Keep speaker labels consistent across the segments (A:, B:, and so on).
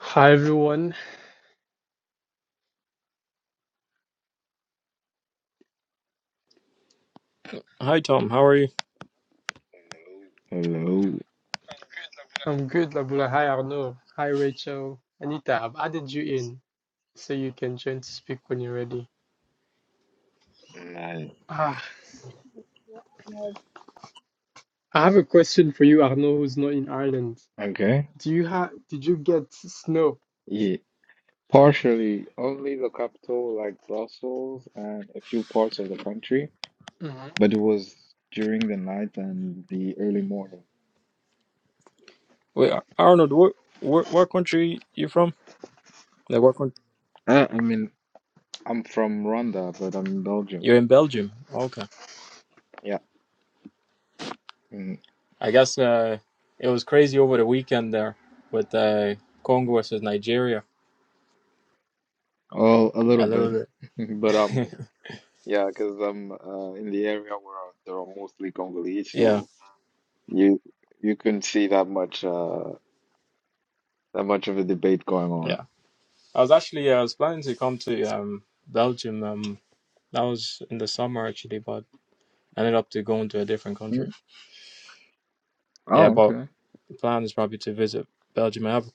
A: Hi everyone,
B: Hi Tom, how are you?
C: Hello.
A: I'm good, Labula. Hi Arno. Hi Rachel. Anita, I've added you in so you can join to speak when you're ready.
C: Man.
A: Ah,
D: No,
A: I have a question for you, Arno, who's not in Ireland.
C: Okay.
A: Do you have? Did you get snow?
C: Yeah. Partially, only the capital like Brussels and a few parts of the country,
A: Mhm.
C: but it was during the night and the early morning.
B: Wait, Ar- Arnold, where, where, what country you from? Like what country?
C: Uh, I mean, I'm from Rwanda, but I'm in Belgium.
B: You're in Belgium. Okay.
C: Yeah. Mm.
B: I guess uh, it was crazy over the weekend there with uh, Congo versus Nigeria
C: Well, a little
B: a
C: bit,
B: little
C: but um,
B: bit.
C: yeah, because I'm uh, in the area where there are mostly Congolese,
B: yeah,
C: so you you couldn't see that much uh that much of a debate going on.
B: yeah. I was actually uh, I was planning to come to um Belgium. Um, that was in the summer actually, but I ended up to going to a different country.
C: Mm.
B: Yeah,
C: Oh,
B: but the plan is probably to visit Belgium. I have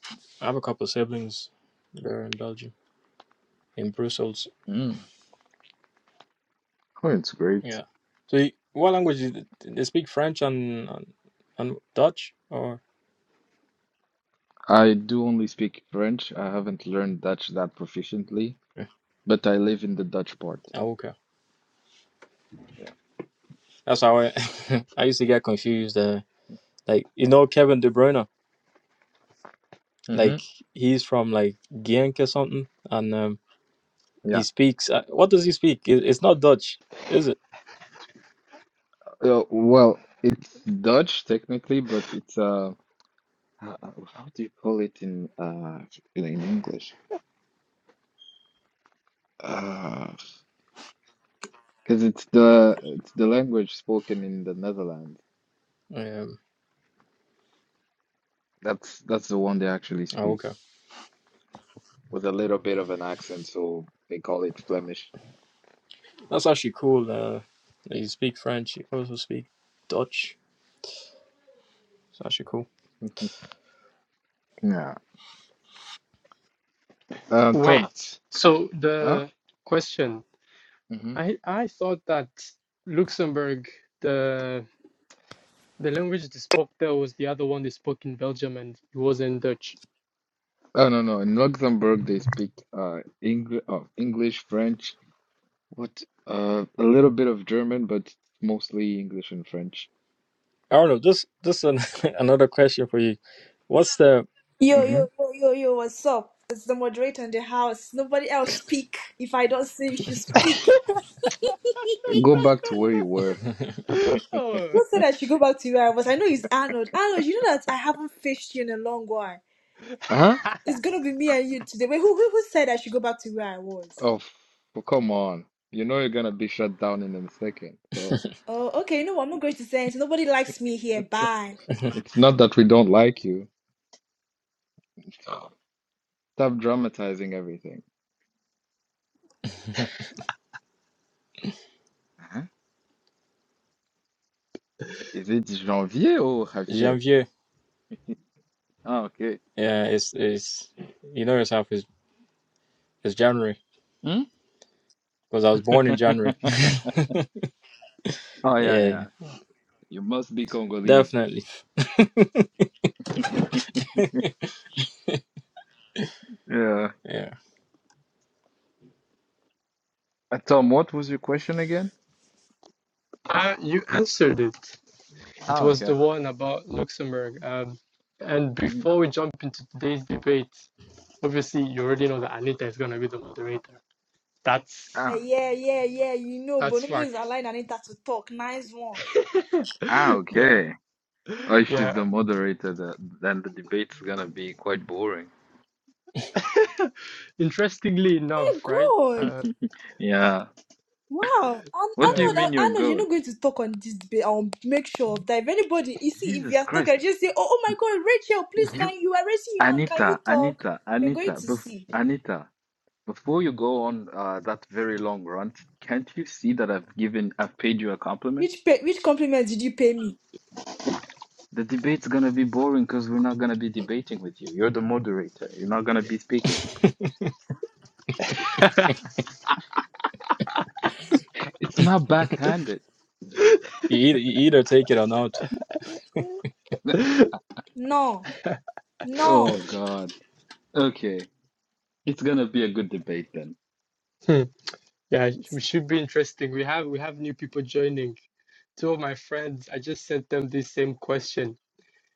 B: I have a couple of siblings there in Belgium, in Brussels.
C: okay. Oh, it's great.
B: Yeah. So, you, what language is it? they speak? French and and, and Dutch, or
C: I do only speak French. I haven't learned Dutch that proficiently,
B: yeah.
C: but I live in the Dutch part.
B: Oh, okay.
C: Yeah.
B: That's how I I used to get confused. Uh, like you know Kevin De Bruyne,
C: hmm
B: like he's from like Genk or something, and um, he
C: Yeah.
B: speaks. Uh, what does he speak? It, it's not Dutch, is it?
C: Uh, well, it's Dutch technically, but it's uh, how how do you call it in uh in English? Uh, because it's the it's the language spoken in the Netherlands.
B: Um,
C: That's that's the one they actually
B: oh,
C: speak
B: okay.
C: with a little bit of an accent, so they call it Flemish.
B: That's actually cool. Uh, that you speak French. You also speak Dutch. It's actually cool.
C: Yeah. Uh, Tom.
A: Wait. So
C: Huh?
A: the question, I I thought that Luxembourg, the the language they spoke there was the other one they spoke in Belgium, and it wasn't Dutch.
C: Oh no no in Luxembourg they speak uh English oh, English French what uh a little bit of German but mostly English and French.
B: Arnold, just just an, another question for you. What's the
E: Yo,
C: hmm
E: yo, yo, yo, yo, what's up? It's the moderator in the house. Nobody else speak. If I don't say you should speak.
C: Go back to where you were.
A: Oh.
E: Who said I should go back to where I was? I know it's Arnold. Arnold, you know that I haven't fished you in a long while.
C: Uh-huh.
E: It's gonna be me and you today. Wait, who who, who said I should go back to where I was?
C: Oh, f- well, come on. You know you're gonna be shut down in a second. So
E: Oh, okay, you know what? I'm not going to say anything. Nobody likes me here. Bye.
C: it's not that we don't like you. Stop dramatizing everything. Huh? Is it Janvier or Javier?
B: Janvier?
C: Oh, okay.
B: Yeah, it's it's you know yourself is it's January
C: Hmm?
B: because I was born in January.
C: Oh yeah yeah.
B: yeah,
C: You must be Congolese.
B: definitely.
C: Yeah.
B: Yeah,
C: Uh, Tom, what was your question again?
A: Ah, you answered it. It
C: Ah,
A: was
C: okay.
A: the one about Luxembourg. Um, and
C: Mm,
A: before we jump into today's debate, obviously you already know that Anita is gonna be the moderator. That's
E: Yeah,
C: Ah,
E: yeah, yeah, yeah, you know, but
A: that's
E: nobody's
A: fact.
E: allowing Anita to talk. Nice one.
C: ah,
A: Yeah,
C: okay. Oh, she's
A: yeah.
C: the moderator. The, then the debate's gonna be quite boring.
A: Interestingly
E: Oh my
A: enough, right?
E: god.
A: Uh,
C: Yeah.
E: Wow, I,
C: What
E: I
C: do you
E: know
A: yeah,
E: that
C: mean you're
E: I know you're
C: God?
E: not going to talk on this debate. I'll make sure of that. If anybody, you see, if you
C: Jesus
E: are
C: Christ.
E: talking, just say, "Oh, oh my God, Rachel, please,
C: You,
E: can you are raising your hand? Can you
C: Anita,
E: talk?"
C: Anita,
E: We're going
C: Anita,
E: to
C: bef
E: see
C: Anita, before you go on uh, that very long rant, can't you see that I've given, I've paid you a compliment?
E: which pay, which compliment did you pay me?
C: The debate's gonna be boring because we're not gonna be debating with you. You're the moderator. You're not gonna be speaking.
B: you
C: It's not backhanded.
B: either, you either take it or not.
E: No,
C: Oh
E: no,
C: God. Okay. It's gonna be a good debate then.
A: yeah. We should be interesting. We have we have new people joining. Two of my friends, I just sent them this same question,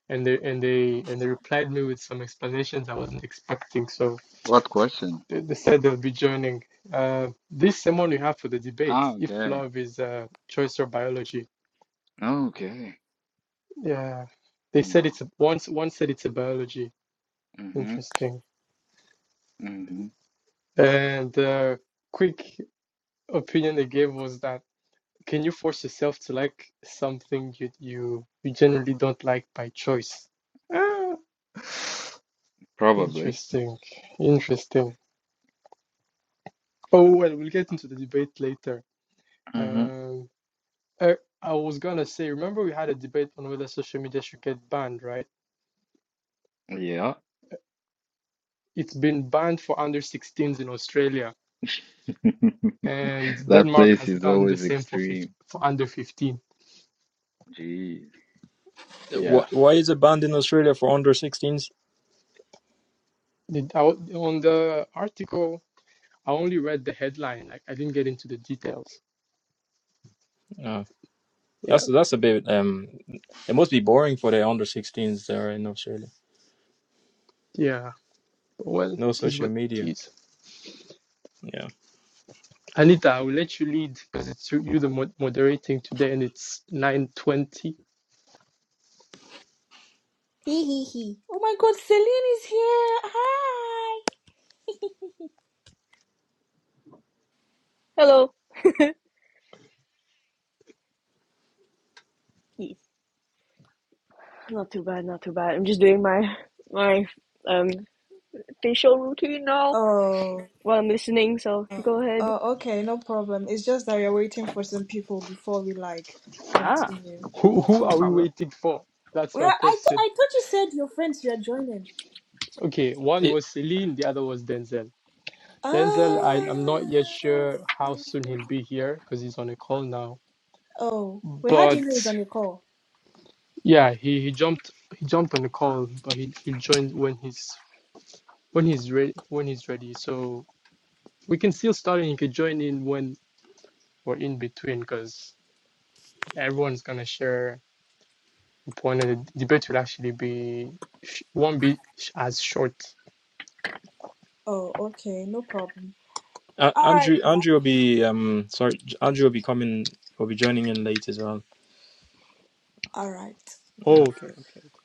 A: and they and they and they replied me with some explanations I wasn't expecting. So.
C: What question?
A: They they said they'll be joining. Uh, this someone we have for the debate,
C: Ah,
A: if
C: okay.
A: love is uh, choice or biology.
C: Okay.
A: Yeah, they said it's
C: Mm-hmm.
A: one. One said it's a biology.
C: Mm-hmm.
A: Interesting.
C: Mm-hmm.
A: And uh, quick opinion they gave was that can you force yourself to like something you you you generally don't like by choice? Ah,
C: Probably.
A: interesting. Interesting. Oh well, we'll get into the debate later.
C: Mm-hmm.
A: Um, Uh, I was gonna say, remember we had a debate on whether social media should get banned, right?
C: Yeah.
A: It's been banned for under 16s in Australia, and
C: That
A: Denmark
C: place
A: has
C: is
A: done the
C: always
A: same for 15,
C: extreme.
A: for under 15.
C: Jeez.
B: Why,
A: Yeah.
B: why is it banned in Australia for under 16s?
A: The- I w- on the article, I only read the headline. Like I didn't get into the details.
B: Uh, that's
A: Yeah.
B: that's a bit um. It must be boring for the under 16s that are in Australia.
A: Yeah. Well,
B: No
A: it is
B: social
A: what it
B: media.
A: is.
B: Yeah.
A: Anita, I will let you lead because it's you, you the mod- moderating today, and it's 9:20.
E: he he he. Oh my God, Celine is here. Hi.
F: Hello. Yes. Not too bad, not too bad. I'm just doing my my um facial routine now
E: Oh,
F: while I'm listening, so
E: oh,
F: go ahead.
E: oh, okay, no problem. It's just that we're waiting for some people before we like
F: Ah,
E: continue.
A: Who
E: Yeah.
A: who
F: no
A: are we
F: problem.
A: waiting for? That's
E: Well,
A: my
E: I thought
A: question.
E: I thought you said your friends you are joining.
A: Okay, one
B: It,
A: was Celine, the other was Denzel.
E: Ah.
A: Denzel, I, I'm not yet sure how soon he'll be here because he's on a call now.
E: Oh, wait, how do you know he's
A: But
E: on the call?
A: yeah, he, he jumped he jumped on the call, but he he'll join when he's when he's ready when he's ready. So we can still start and he could join in when we're in between because everyone's gonna share a point and the debate will actually be sh won't be sh as short.
E: Oh, okay, no problem.
B: uh,
E: All right,
B: Andrew
E: then.
B: Andrew will be um sorry Andrew will be coming will be joining in late as well.
E: all right.
B: Yeah.
A: Oh, okay, okay, okay.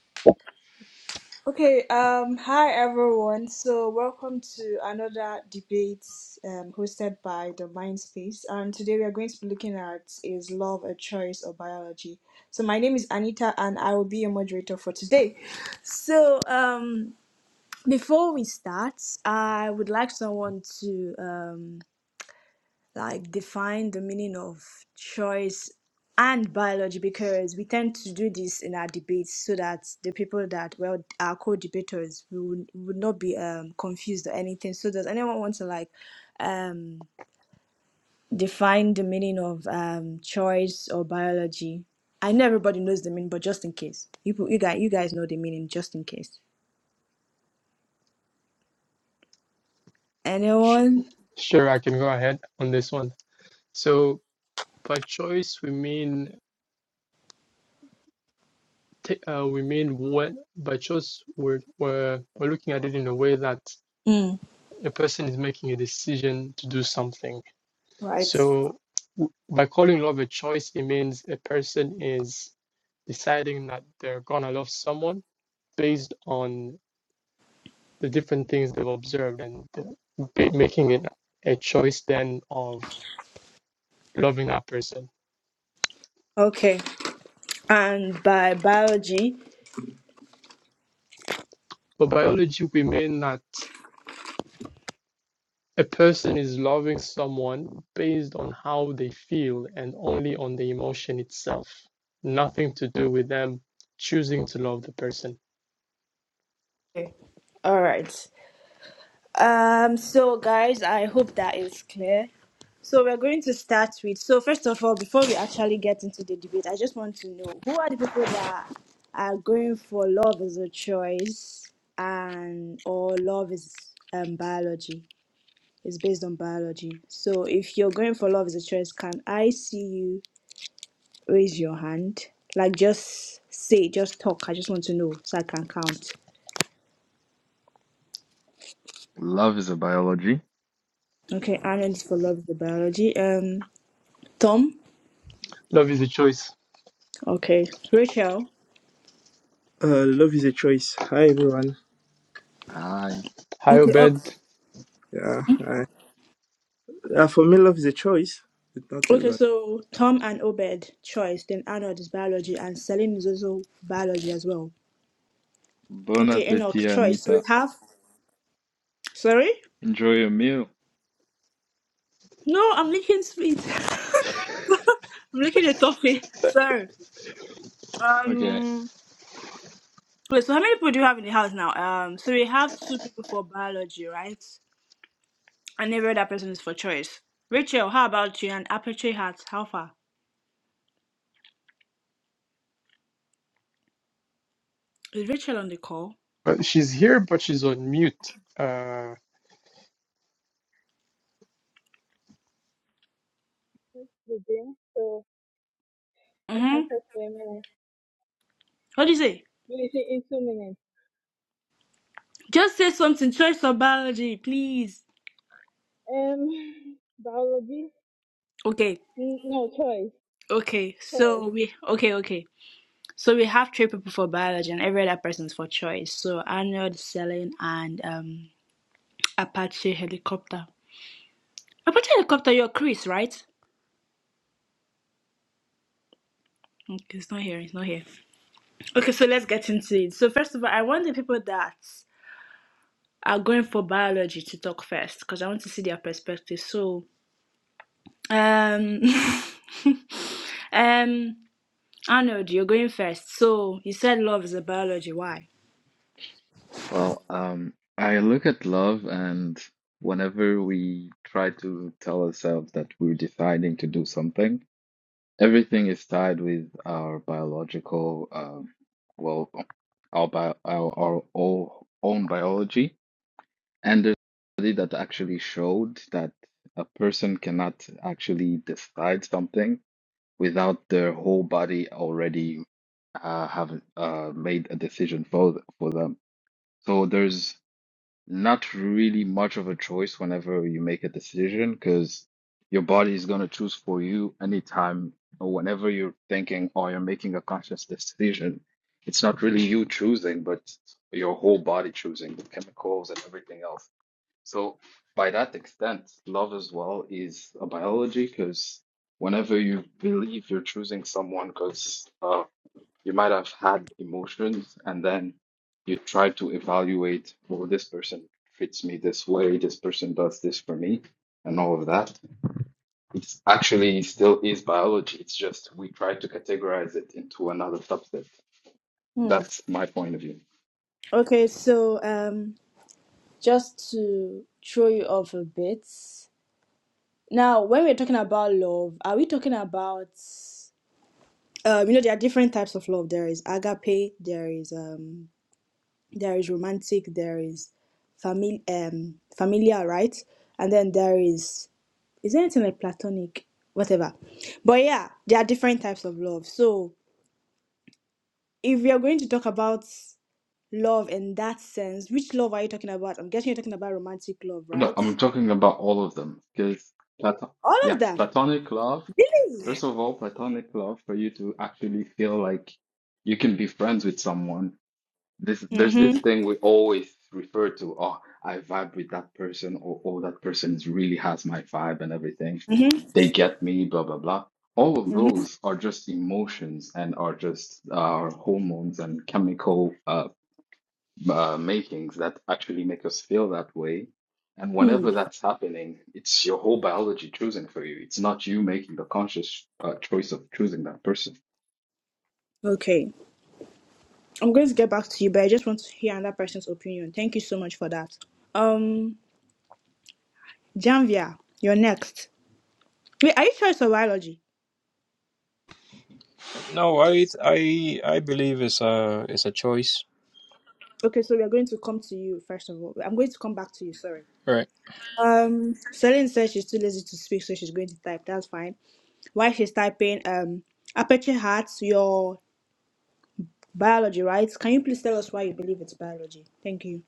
E: Okay, um, hi everyone. So welcome to another debate um, hosted by the Mindspace. And today we are going to be looking at is love a choice or biology? So my name is Anita and I will be your moderator for today. So um before we start, I would like someone to um like define the meaning of choice and biology because we tend to do this in our debates so that the people that well our co-debaters would, would not be um confused or anything so does anyone want to like um define the meaning of um choice or biology i know everybody knows the meaning but just in case you you guys you guys know the meaning just in case
A: Sh
E: anyone
A: sure, I can go ahead on this one. So. By choice, we mean uh, we mean when by choice we're, we're we're looking at it in a way that
E: mm.
A: a person is making a decision to do something.
E: Right.
A: So by calling love a choice, it means a person is deciding that they're gonna love someone based on the different things they've observed and making it a choice then of loving that person.
E: okay and by biology
A: For biology, we mean that. A person is loving someone based on how they feel and only on the emotion itself, nothing to do with them choosing to love the person.
E: okay. all right Um, so guys, I hope that is clear. So we're going to start with. So first of all, before we actually get into the debate, I just want to know who are the people that are going for love is a choice and or love is um biology. It's based on biology. So if you're going for love is a choice, can I see you raise your hand? Like just say, just talk. I just want to know so I can count.
C: Love is a biology.
E: Okay, Arnold is for love is the biology. Um, Tom.
A: Love is a choice.
E: Okay. Rachel.
G: Uh, love is a choice. Hi, everyone.
C: Hi.
A: Hi,
E: Okay, up.
A: Obed.
G: Yeah, hi. Uh, for me, love is a choice. It's not
E: Okay,
G: a
E: so Tom and Obed, choice. Then Arnold is biology, and Celine is also biology as well.
C: Bon
E: Okay,
C: appetit,
E: Enoch, choice. So we
C: Anita.
E: have. Sorry?
C: Enjoy your meal.
E: No, I'm licking sweet. I'm licking a toffee. Sorry.
C: Okay.
E: Um. Wait, so how many people do you have in the house now? Um. So we have two people for biology, right? And every other person is for choice. Rachel, how about you? And Aperture Heart, how far? Is Rachel on the call?
A: Uh, she's here, but she's on mute. Uh,
D: just begin. So I can
E: Mm-hmm.
D: talk for a minute.
E: What do you say?
D: Maybe in two minutes.
E: Just say something. Try some biology, please.
D: Um, biology?
E: Okay.
D: N- No, choice.
E: Okay.
D: Choice.
E: So we okay, okay. So we have three people for biology and every other persons for choice. So Arnold, Selene, and um Apache helicopter. Apache helicopter, you're Chris, right? Okay, it's not here, it's not here. Okay, so let's get into it. So first of all, I want the people that are going for biology to talk first because I want to see their perspective. So um um Arnold, you're going first. So you said love is a biology. Why?
C: Well, um, I look at love and whenever we try to tell ourselves that we're deciding to do something, Everything is tied with our biological, um, well, our bio, our, our all, own biology. And there's a study that actually showed that a person cannot actually decide something without their whole body already uh, have uh, made a decision for th- for them. So there's not really much of a choice whenever you make a decision because your body is going to choose for you anytime or whenever you're thinking or you're making a conscious decision. It's not really you choosing, but your whole body choosing the chemicals and everything else. So, by that extent, love as well is a biology because whenever you believe you're choosing someone because uh, you might have had emotions, and then you try to evaluate, well, this person treats me this way, this person does this for me, and all of that. It's actually still is biology. It's just we try to categorize it into another subset.
E: Hmm.
C: That's my point of view.
E: Okay, so um, just to throw you off a bit. Now, when we're talking about love, are we talking about um, you know, there are different types of love. There is agape, there is um, there is romantic, there is family um familiar, right? And then there is is there anything like platonic, whatever. But yeah, there are different types of love. So if we are going to talk about love in that sense. Which love are you talking about? I'm guessing you're talking about romantic love,
C: No,
E: right?
C: I'm talking about all of them because Platon,
E: All of
C: yeah,
E: them.
C: platonic love.
E: Really?
C: First of all, platonic love for you to actually feel like you can be friends with someone This there's this
E: Mm-hmm.
C: thing we always refer to. Oh, I vibe with that person, or oh, that person is really has my vibe and everything.
E: Mm-hmm.
C: They get me, blah blah blah. All of
E: Mm-hmm.
C: those are just emotions and are just our hormones and chemical uh, uh, makings that actually make us feel that way. And
E: Hmm.
C: whenever that's happening, it's your whole biology choosing for you. It's not you making the conscious uh, choice of choosing that person.
E: Okay. I'm going to get back to you, but I just want to hear another person's opinion. Thank you so much for that. Um, Janvia, you're next. Wait, are you sure it's a biology?
B: No, I I I believe it's a it's a choice.
E: Okay, so we are going to come to you first of all. I'm going to come back to you, sorry.
B: Right.
E: Um, Celine says she's too lazy to speak, so she's going to type. That's fine. While she's typing, um, Aperture Hearts, your Biology, right? Can you please tell us why you believe it's biology? Thank you.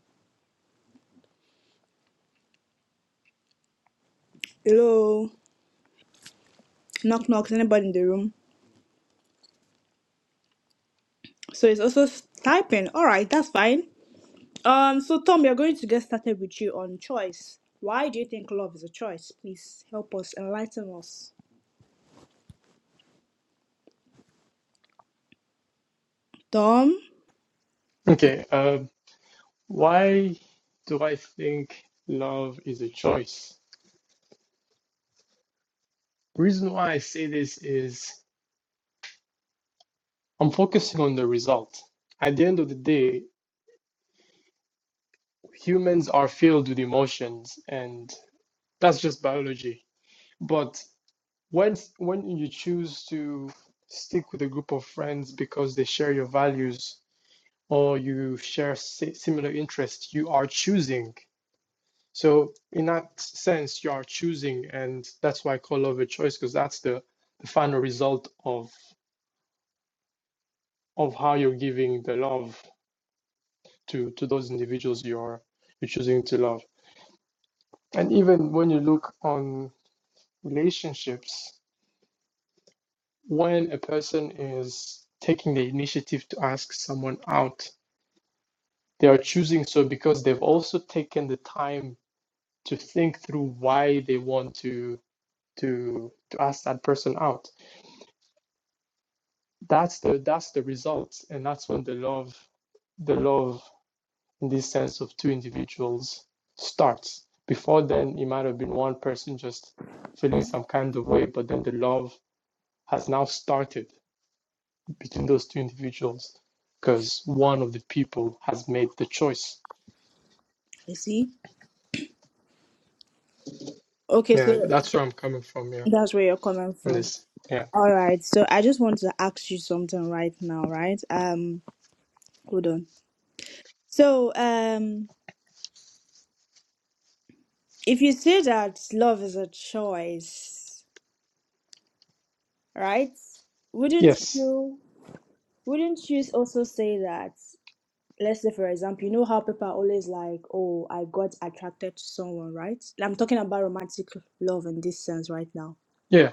E: Hello. Knock knock. Is anybody in the room? So it's also s- typing. All right, that's fine. Um, so Tom, we are going to get started with you on choice. Why do you think love is a choice? Please help us enlighten us. Tom,
A: okay, uh, why do I think love is a choice? Reason why I say this is I'm focusing on the result. At the end of the day, humans are filled with emotions, and that's just biology But when when you choose to stick with a group of friends because they share your values or you share si- similar interests, you are choosing. So in that sense, you are choosing, and that's why I call love a choice because that's the, the final result of of how you're giving the love to to those individuals you're you're choosing to love. And even when you look on relationships, when a person is taking the initiative to ask someone out, they are choosing so because they've also taken the time to think through why they want to to to ask that person out. That's the that's the result, and that's when the love, the love in this sense of two individuals starts. Before then, it might have been one person just feeling some kind of way, but then the love has now started between those two individuals because one of the people has made the choice.
E: I see. Okay,
A: Yeah,
E: so
A: that's where I'm coming from. Yeah,
E: that's where you're coming
A: and
E: from.
A: this. Yeah.
E: All right. So I just want to ask you something right now, right? Um, hold on. So, um, if you say that love is a choice. right? Wouldn't
A: Yes.
E: you wouldn't you also say that let's say for example, you know how people are always like, Oh, I got attracted to someone, right? I'm talking about romantic love in this sense right now.
A: Yeah.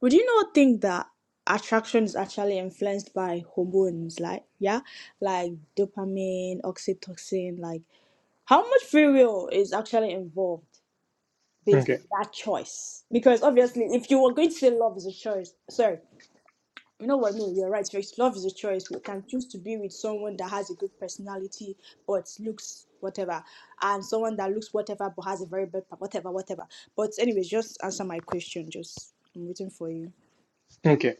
E: Would you not think that attraction is actually influenced by hormones, like yeah? Like dopamine, oxytocin, like how much free will is actually involved based
A: Okay.
E: on that choice? Because obviously if you were going to say love is a choice, sorry. You know what? No, you're right. Choice. Love is a choice. We can choose to be with someone that has a good personality, but looks whatever, and someone that looks whatever but has a very bad whatever, whatever. But anyways, just answer my question. Just I'm waiting for you.
A: Okay.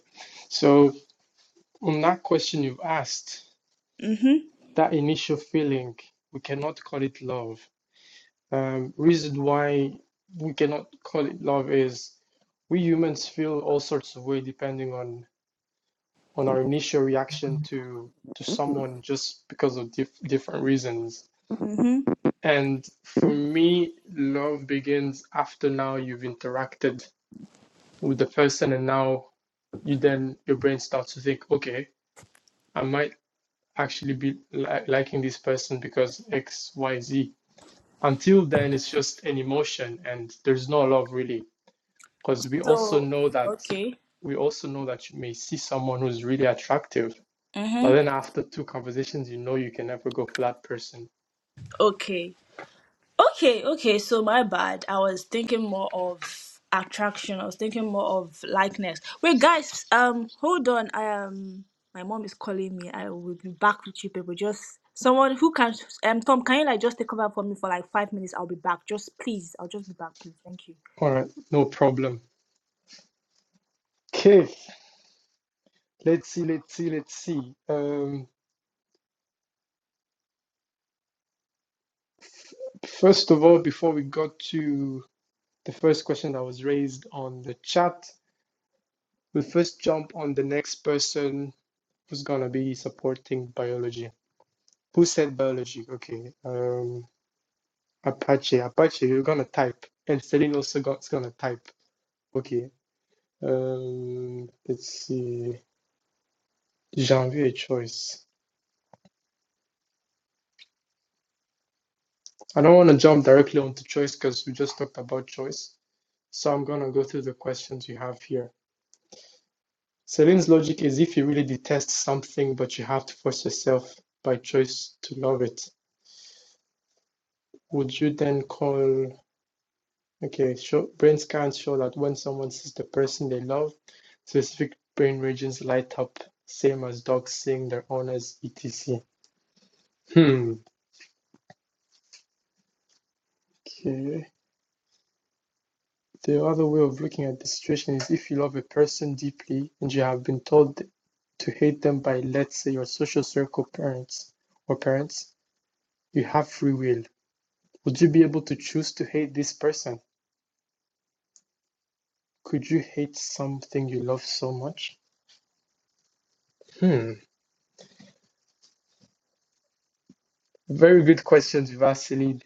A: So on that question you've asked,
E: Mhm.
A: that initial feeling, we cannot call it love. Um, reason why we cannot call it love is we humans feel all sorts of way depending on on our initial reaction to to someone just because of diff- different reasons
E: Mhm.
A: And for me, love begins after now you've interacted with the person, and now you then your brain starts to think, okay, I might actually be li- liking this person because X, Y, Z. Until then, it's just an emotion, and there's no love really, because we also
E: So,
A: know that
E: okay.
A: we also know that you may see someone who's really attractive, but
E: Mhm.
A: then after two conversations, you know you can never go for that person.
E: Okay. Okay, okay, so my bad. I was thinking more of attraction. I was thinking more of likeness. Wait, guys, um, hold on. I um my mom is calling me. I will be back with you people. Just someone who can um Tom, can you like just take over for me for like five minutes? I'll be back. Just please, I'll just be back, please. Thank you.
A: All right, no problem. Okay. Let's see, let's see, let's see. Um, first of all, before we got to the first question that was raised on the chat, we'll first jump on the next person who's gonna be supporting biology. Who said biology? Okay. Um, Apache, Apache, you're gonna type. And Celine also got's gonna type. Okay. Um, let's see. Janvier choice. I don't want to jump directly onto choice because we just talked about choice. So I'm gonna go through the questions you have here. Celine's logic is if you really detest something but you have to force yourself by choice to love it, would you then call okay, show, brain scans show that when someone sees the person they love, specific brain regions light up, same as dogs seeing their owners, etc. Hmm. Okay. The other way of looking at the situation is if you love a person deeply and you have been told to hate them by, let's say, your social circle parents or parents, you have free will. Would you be able to choose to hate this person? Could you hate something you love so much? Hmm. Very good questions you asked, Celine.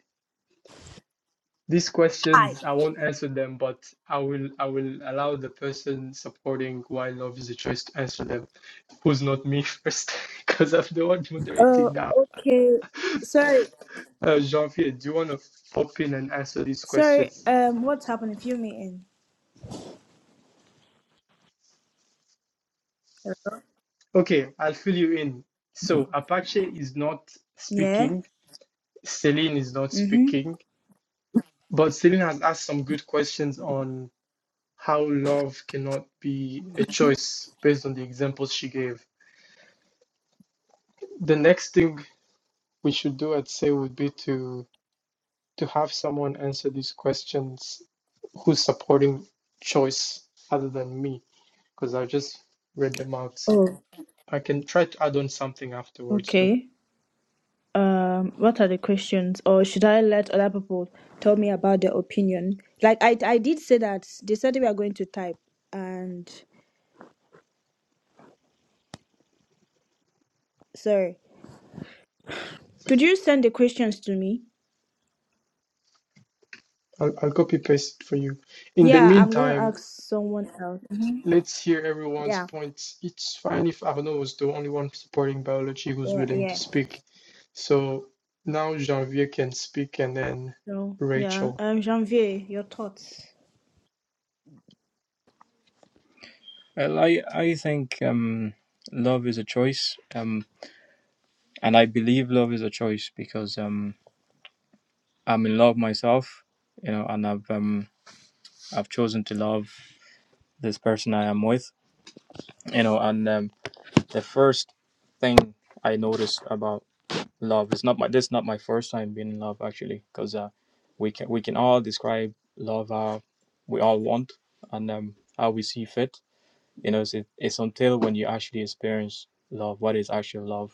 A: These
E: Hi.
A: questions, I won't answer them, but I will I will allow the person supporting why love is a choice to answer them, who's not me first, because I'm the one moderating
E: Oh,
A: now.
E: okay. Sorry,
A: Uh, Jean-Pierre, do you want to pop in and answer these
E: sorry.
A: questions?
E: Um, what's happening? Fill me in.
A: Okay, I'll fill you in. So Apache is not
E: Yeah.
A: speaking. Celine is not
E: Mm-hmm.
A: speaking. But Celine has asked some good questions on how love cannot be a choice based on the examples she gave. The next thing we should do, I'd say, would be to to have someone answer these questions who's supporting choice other than me, because I just read them out.
E: Oh,
A: I can try to add on something afterwards too.
E: okay. um what are the questions or should i let other people tell me about their opinion like i i did say that they said we are going to type and sorry could you send the questions to me
A: I'll, I'll copy paste it for you. In the
E: yeah i'm gonna
A: meantime,
E: ask someone else Mhm.
A: Let's hear everyone's
E: yeah
A: points. It's fine if Arnaud was the only one supporting biology who's
E: yeah
A: willing to
E: yeah
A: speak. So now jean Janvier can speak and then
E: so yeah
A: Rachel.
E: um janvier your thoughts
B: Well, I I think um, love is a choice, um, and I believe love is a choice because um, I'm in love myself, you know, and I've um, I've chosen to love this person I am with, you know, and um, the first thing I notice about love is not my this is not my first time being in love actually because uh, we can we can all describe love how we all want and um, how we see fit, you know, it's, it's until when you actually experience love, what is actual love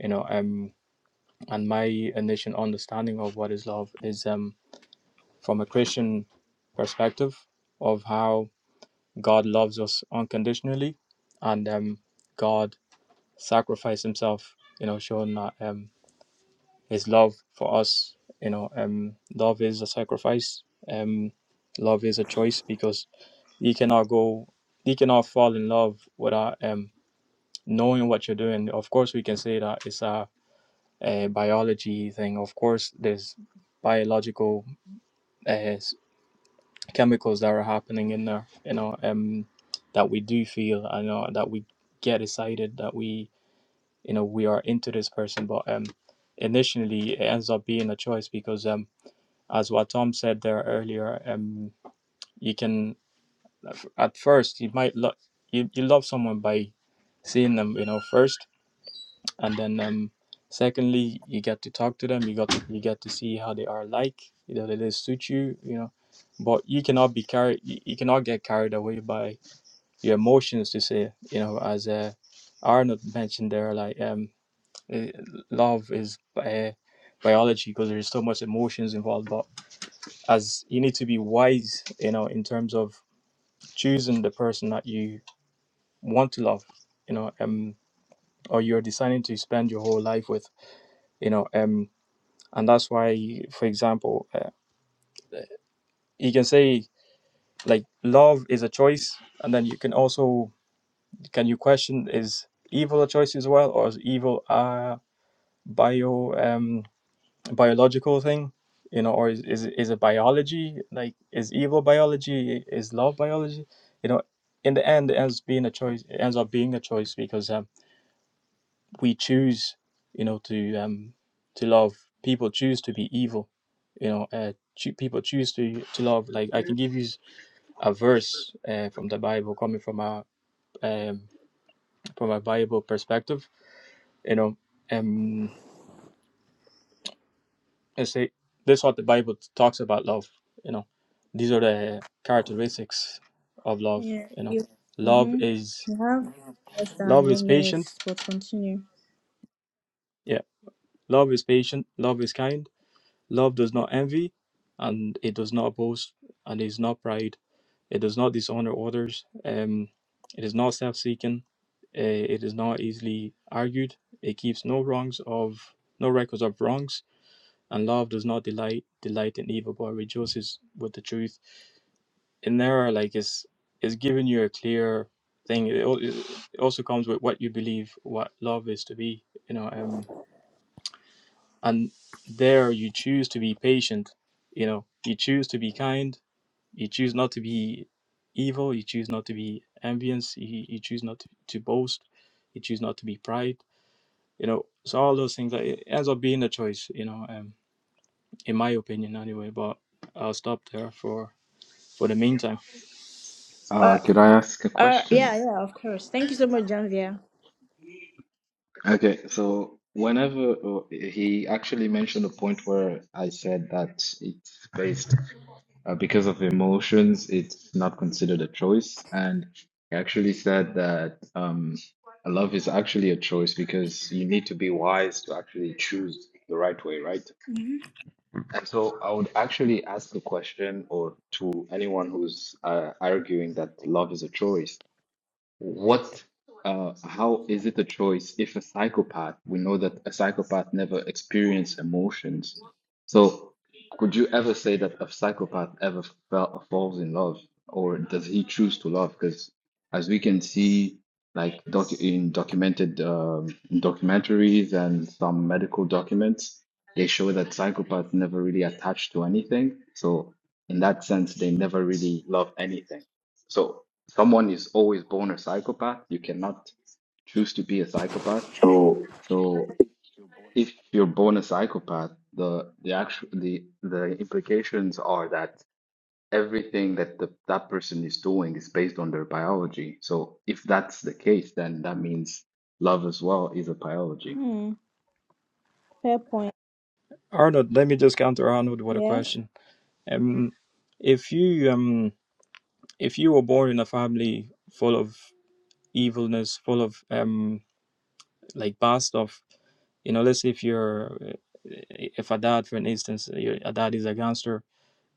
B: you know um and my initial understanding of what is love is um from a christian perspective of how god loves us unconditionally and um god sacrificed himself you know showing that um his love for us you know um love is a sacrifice um love is a choice because you cannot go you cannot fall in love without um knowing what you're doing of course we can say that it's a uh, biology thing. Of course, there's biological uh, chemicals that are happening in there, you know, um, that we do feel, I know, that we get excited, that we, you know, we are into this person. But um, initially, it ends up being a choice because, um, as what Tom said there earlier, um, you can, at first, you might love, you, you love someone by seeing them, you know, first and then um secondly you get to talk to them you got to, you get to see how they are like you know they suit you you know but you cannot be carried you, you cannot get carried away by your emotions to say you know as uh, arnold mentioned there like um eh, love is uh, biology because there's so much emotions involved but as you need to be wise you know in terms of choosing the person that you want to love you know um or you're deciding to spend your whole life with you know um. and that's why for example uh, you can say like love is a choice and then you can also can you question is evil a choice as well or is evil a bio um biological thing you know or is is, is it biology like is evil biology is love biology you know in the end it ends being a choice it ends up being a choice because um we choose, you know, to um, to love. People choose to be evil, you know. Uh, choo- people choose to to love. Like I can give you a verse uh, from the Bible, coming from a um, from a Bible perspective, you know. Um, and say this is what the Bible talks about love. You know, these are the characteristics of love.
E: yeah
B: You know,
E: you
B: love
E: mm-hmm.
B: is
E: you have less than
B: love is
E: one minute
B: patient.
E: but continue
B: Yeah, love is patient. Love is kind Love does not envy, and it does not boast, and is not pride. It does not dishonor others. Um, it is not self-seeking. Uh, it is not easily argued. It keeps no wrongs of no records of wrongs. And love does not delight delight in evil, but rejoices with the truth. In there, like it's it's giving you a clear thing. It, al- it also comes with what you believe what love is to be. You know, um and there you choose to be patient you know you choose to be kind you choose not to be evil you choose not to be envious you, you choose not to, to boast you choose not to be pride you know so all those things like, it ends up being a choice you know um, in my opinion anyway but i'll stop there for for the meantime
E: uh
C: Uh, could I ask a
E: uh
C: question?
E: yeah yeah of course thank you so much janvier
C: Okay, so whenever uh, he actually mentioned a point where I said that it's based uh, because of emotions, it's not considered a choice. And he actually said that um, love is actually a choice because you need to be wise to actually choose the right way, right?
E: hmm
C: And so I would actually ask a question or to anyone who's uh, arguing that love is a choice. What, uh, how is it a choice if a psychopath, we know that a psychopath never experience emotions. So could you ever say that a psychopath ever fell, falls in love or does he choose to love? Because as we can see, like doc in documented um, documentaries and some medical documents, they show that psychopaths never really attach to anything. So in that sense, they never really love anything. So someone is always born a psychopath. You cannot choose to be a psychopath.
E: So
C: So if you're born a psychopath, the the actual the the implications are that everything that the, that person is doing is based on their biology. So if that's the case, then that means love as well is a biology.
E: hmm, fair point.
B: arnold let me just counter arnold with a
E: Yeah.
B: question um if you um if you were born in a family full of evilness full of um like bad stuff You know, let's say if you're, eh, if a dad, for an instance, eh, your a dad is a gangster,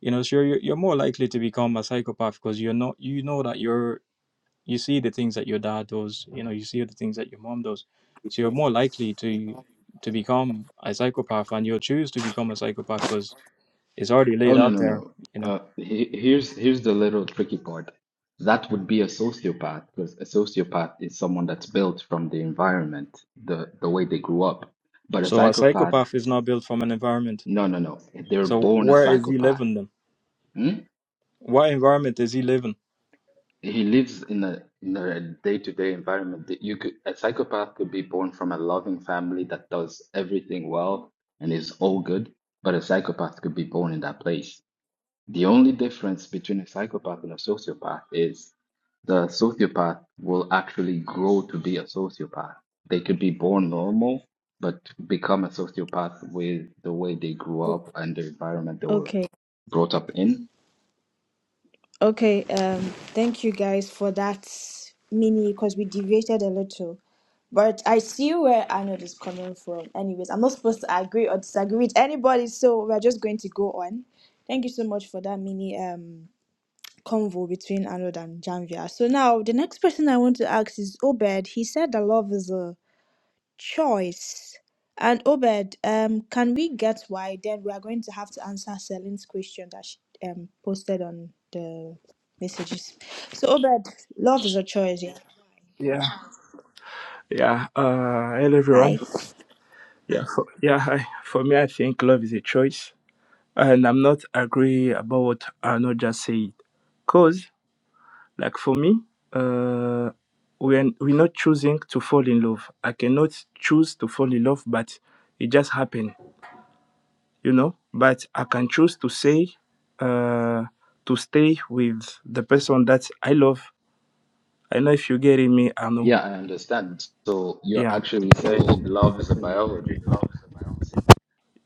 B: you know, sure, you're, you're more likely to become a psychopath because you're not, you know that you're, you see the things that your dad does, you know, you see the things that your mom does. So you're more likely to, to become a psychopath and you'll choose to become a psychopath because it's already
C: Oh
B: laid
C: no
B: out
C: no
B: there,
C: no.
B: you know.
C: Uh, he, here's here's the little tricky part. That would be a sociopath because a sociopath is someone that's built from the environment, the the way they grew up. But a
B: So a
C: psychopath,
B: psychopath is not built from an environment.
C: no no no. They're
B: So
C: born a
B: where is he
C: psychopath.
B: living then?
C: Hmm?
B: What environment is he living?
C: He lives in a in a day-to-day environment that you could a psychopath could be born from a loving family that does everything well and is all good, but a psychopath could be born in that place. The only difference between a psychopath and a sociopath is the sociopath will actually grow to be a sociopath. They could be born normal, but become a sociopath with the way they grew
E: O-
C: up and the environment they were
E: Okay.
C: brought up in.
E: Okay. Um, thank you guys for that mini because we deviated a little. But I see where Arnold is coming from. Anyways, I'm not supposed to agree or disagree with anybody, so we're just going to go on. Thank you so much for that mini um convo between Arnold and Janvia. So now the next person I want to ask is Obed. He said that love is a Choice. And Obed, um, can we get why? Then we are going to have to answer Celine's question that she um, posted on the messages. So Obed, love is a choice, yeah.
G: yeah, yeah. Uh, hello,
E: Hi.
G: everyone. Yeah, for, yeah. Hi. For me, I think love is a choice, and I'm not agree about what Arno just said. Cause, like for me, uh, we are, we're not choosing to fall in love. I cannot choose to fall in love, but it just happened, you know. But I can choose to say, uh, to stay with the person that I love I don't know if you're getting me, Arno.
C: Yeah, I understand. So you're
G: Yeah.
C: actually saying love is a biology,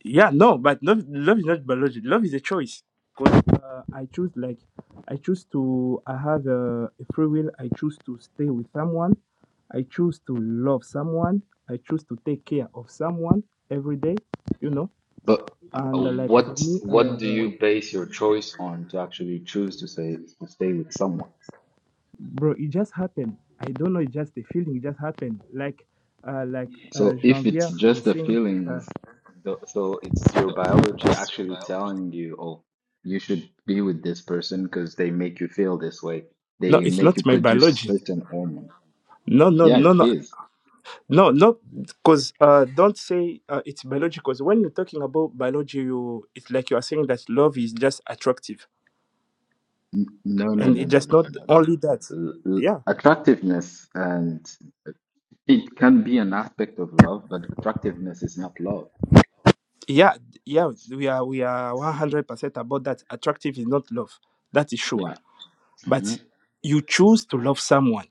G: Yeah, no, but love, love is not biology. Love is a choice. Because uh, I choose, like, I choose to, I have a, a free will. I choose to stay with someone. I choose to love someone. I choose to take care of someone every day, you know.
C: but uh,
G: And uh, like for
C: what
G: me,
C: what do
G: uh,
C: you base your choice on to actually choose to say to stay with someone?
G: bro, it just happened. I don't know, it just a feeling, it just happened. Like, uh, like uh,
C: So if it's
G: Jean-Pierre
C: just
G: was
C: the
G: saying, uh,
C: feelings, tho- so it's your biology actually telling you, oh, you should be with this person because they make you feel this way.
G: no,
C: They
G: it's
C: make
G: not
C: you
G: my
C: produce
G: biology.
C: certain hormone.
G: No, no,
C: Yeah, it
G: no, no.
C: is.
G: No, no, because uh, don't say uh, it's cause when you're talking about biology, you it's like you are saying that love is just attractive,
C: N- No, no,
G: and
C: no,
G: it's
C: no,
G: just
C: no,
G: not
C: no, no.
G: only that.
C: L- l-
G: Yeah,
C: Attractiveness and it can be an aspect of love, but attractiveness is not love.
G: yeah, yeah. We are we are one hundred percent about that. Attractive is not love. That is sure.
C: Yeah.
G: But
C: Mhm.
G: you choose to love someone.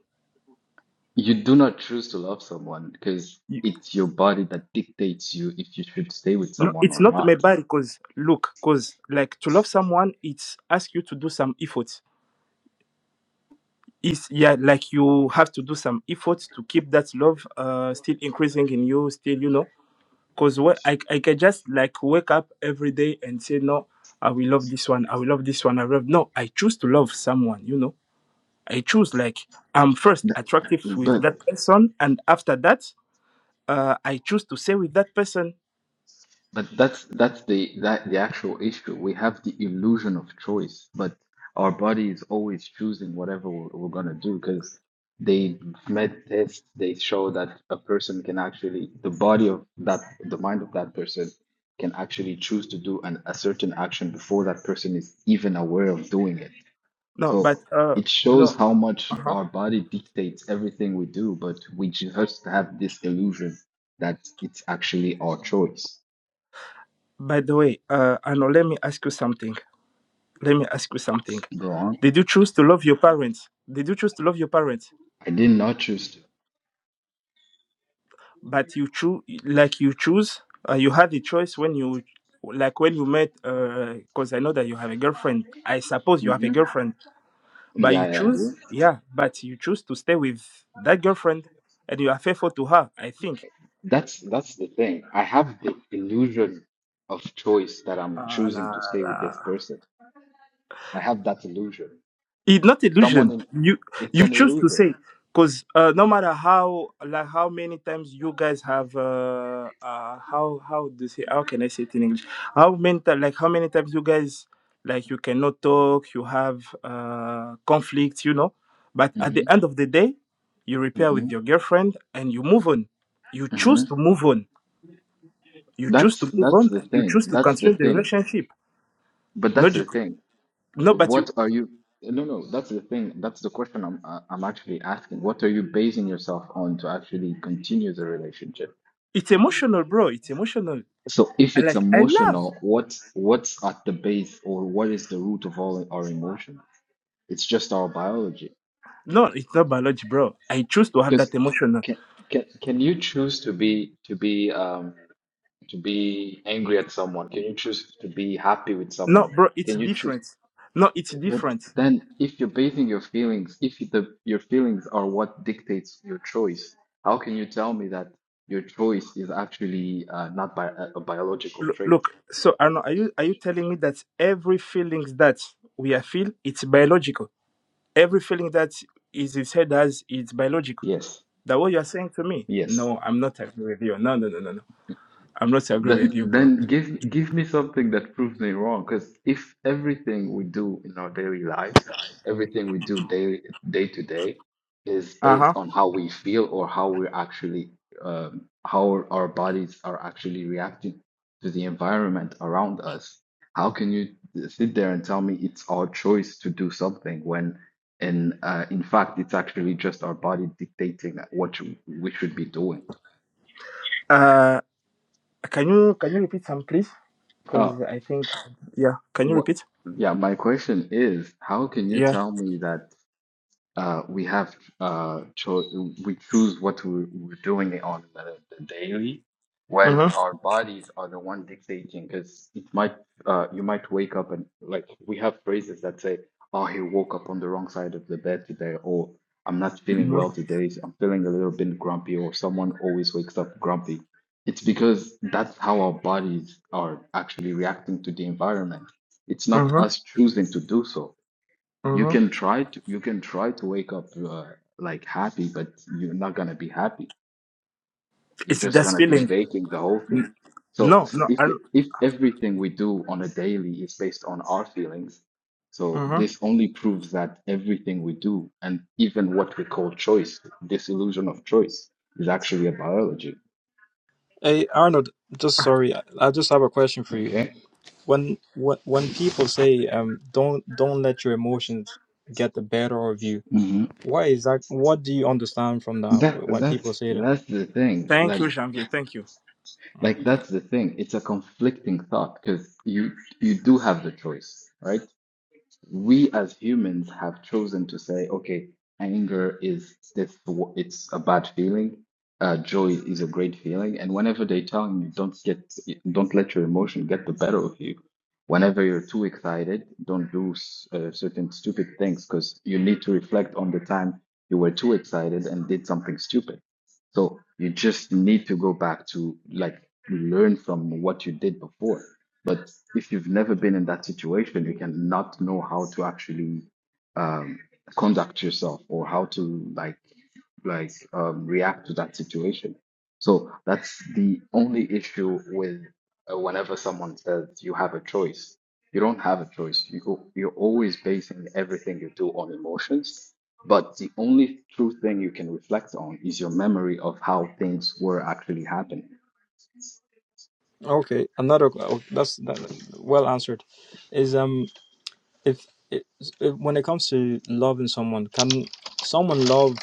C: You do not choose to love someone because
G: You,
C: it's your body that dictates you if you should stay with
G: no,
C: someone
G: it's
C: or
G: not
C: not.
G: my bad because look, because like to love someone, it's ask you to do some effort. it's yeah like you have to do some effort to keep that love uh still increasing in you still you know because what I, I can just like wake up every day and say no i will love this one i will love this one i love no i choose to love someone you know i choose like i'm first
C: Th-
G: attractive with
C: But
G: that person and after that uh i choose to stay with that person
C: but that's that's the that the actual issue. We have the illusion of choice, but our body is always choosing whatever we're, we're gonna do because they made tests. They show that a person can actually the body of that the mind of that person can actually choose to do an, a certain action before that person is even aware of doing it.
G: no
C: So
G: but uh
C: it shows
G: no
C: how much
G: uh-huh.
C: our body dictates everything we do, but we just have this illusion that it's actually our choice.
G: by the way uh Ano, let me ask you something let me ask you something
C: Go on.
G: did you choose to love your parents did you choose to love your parents
C: I did not choose to.
G: but you choose like you choose uh, you had the choice when you like when you met because i know that you have a girlfriend i suppose you have a
C: hmm
G: girlfriend but
C: Yeah,
G: you
C: yeah, I
G: choose
C: do.
G: yeah but you choose to stay with that girlfriend and you are faithful to her i think
C: That's that's the thing. I have the illusion of choice that I'm
G: Ah,
C: choosing
G: la,
C: to stay with
G: la.
C: this person. I have that illusion.
G: It's not
C: Someone
G: illusion.
C: in,
G: You
C: it's
G: you
C: an
G: choose to
C: illusion.
G: say because uh, no matter how like how many times you guys have uh, uh how how do you say how can I say it in English? How many ti- like how many times you guys like you cannot talk, you have uh conflicts, you know. But at
C: hmm
G: the end of the day, you repair
C: hmm
G: with your girlfriend and you move on. You
C: hmm
G: choose to move on. You choose
C: That's
G: to move
C: that's
G: on
C: the
G: and you choose
C: thing.
G: to
C: That's the
G: continue the
C: thing.
G: relationship.
C: But that's the
G: Logic
C: thing.
G: no, but you
C: What are you? No, no, that's the thing. That's the question I'm I- I'm actually asking. What are you basing yourself on to actually continue the relationship?
G: it's emotional, bro. It's emotional.
C: So if
G: I
C: it's
G: like I love.
C: emotional, what what's at the base or what is the root of all our emotion? It's just our biology.
G: No, it's not biology, bro. I choose to have
C: Because
G: that emotion.
C: can can can you choose to be to be um to be angry at someone? Can you choose to be happy with
G: No,
C: someone?
G: bro, it's
C: Can you choose?
G: different. No, it's
C: But
G: different.
C: then, if you're basing your feelings, if the your feelings are what dictates your choice, how can you tell me that your choice is actually uh, not bi a, a biological
G: Look,
C: trait?
G: look so Arno, are you are you telling me that every feelings that we are feel it's biological? Every feeling that is is said as it's biological.
C: Yes,
G: That what you are saying to me?
C: yes.
G: No, I'm not agree with you. No, no, no, no, no. I'm not agree with
C: Then,
G: you, bro.
C: then give give me something that proves me wrong. Because if everything we do in our daily lives, everything we do day day to day, is based
G: Uh-huh.
C: on how we feel or how we're actually, um, how our bodies are actually reacting to the environment around us, how can you sit there and tell me it's our choice to do something when, in uh, in fact, it's actually just our body dictating what we should be doing?
G: Uh can you can you repeat some please?
C: Uh,
G: Because I think yeah. Can you
C: What?
G: repeat?
C: Yeah, my question is, how can you
G: Yeah.
C: tell me that? uh, we have uh, cho- we choose what we, we're doing on the, the daily. Well,
G: Mm-hmm.
C: our bodies are the one dictating because it might uh, you might wake up and like we have phrases that say, "Oh, he woke up on the wrong side of the bed today," or "I'm not feeling
G: Mm-hmm.
C: well today. so I'm feeling a little bit grumpy," or "Someone always wakes up grumpy." It's because that's how our bodies are actually reacting to the environment. It's not
G: Mm-hmm.
C: us choosing to do so you
G: Mm-hmm.
C: can try to you can try to wake up uh, like happy, but you're not gonna be happy. You're
G: It's
C: just
G: just
C: gonna be
G: feeling.
C: faking the whole thing. So
G: No,
C: s-
G: no.
C: if
G: I,
C: it- if everything we do on a daily is based on our feelings, so
G: uh
C: this only proves that everything we do and even what we call choice, this illusion of choice, is actually a biology.
B: Hey, Arnold, just sorry, I I just have a question for you
C: Okay.
B: when when when people say um don't don't let your emotions get the better of you
C: hmm
B: why is that what do you understand from that
C: That
B: when people
C: that's
B: say that
C: that's the thing.
G: Thank
C: Like.
G: you, Shamsi. Thank you. Mm,
C: Like
G: thank
C: that's the thing. It's a conflicting thought because you you do have the choice, right? We as humans have chosen to say, okay, anger is this, it's a bad feeling. Uh, joy is a great feeling. And whenever they tell you don't get, don't let your emotion get the better of you. Whenever you're too excited, don't do s- uh, certain stupid things because you need to reflect on the time you were too excited and did something stupid. So you just need to go back to like learn from what you did before. But if you've never been in that situation, you cannot know how to actually um, conduct yourself or how to like like um, react to that situation. So that's the only issue with uh, whenever someone says you have a choice. You don't have a choice. You, go, you're always basing everything you do on emotions but the only true thing you can reflect on is your memory of how things were actually happening.
B: okay another oh, that's that, well answered is um if, if if when it comes to loving someone can someone love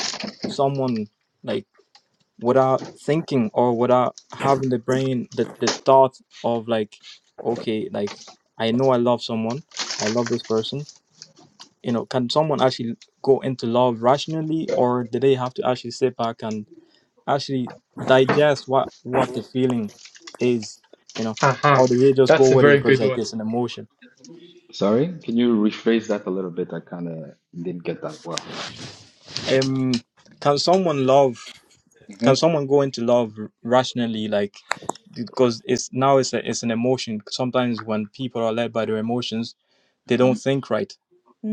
B: someone like without thinking or without having the brain the, the thought of like okay like i know i love someone i love this person you know can someone actually go into love rationally or do they have to actually sit back and actually digest what what the feeling is you know
A: Aha, uh-huh.
B: or do they just go
A: that's a
B: with it
A: very
B: because
A: good
B: like
A: one.
B: it's an emotion
C: Sorry, can you rephrase that a little bit? I kind of didn't get that well.
B: um can someone love
C: hmm
B: can someone go into love rationally like because it's now it's a, it's an emotion sometimes when people are led by their emotions they
C: hmm
B: don't think right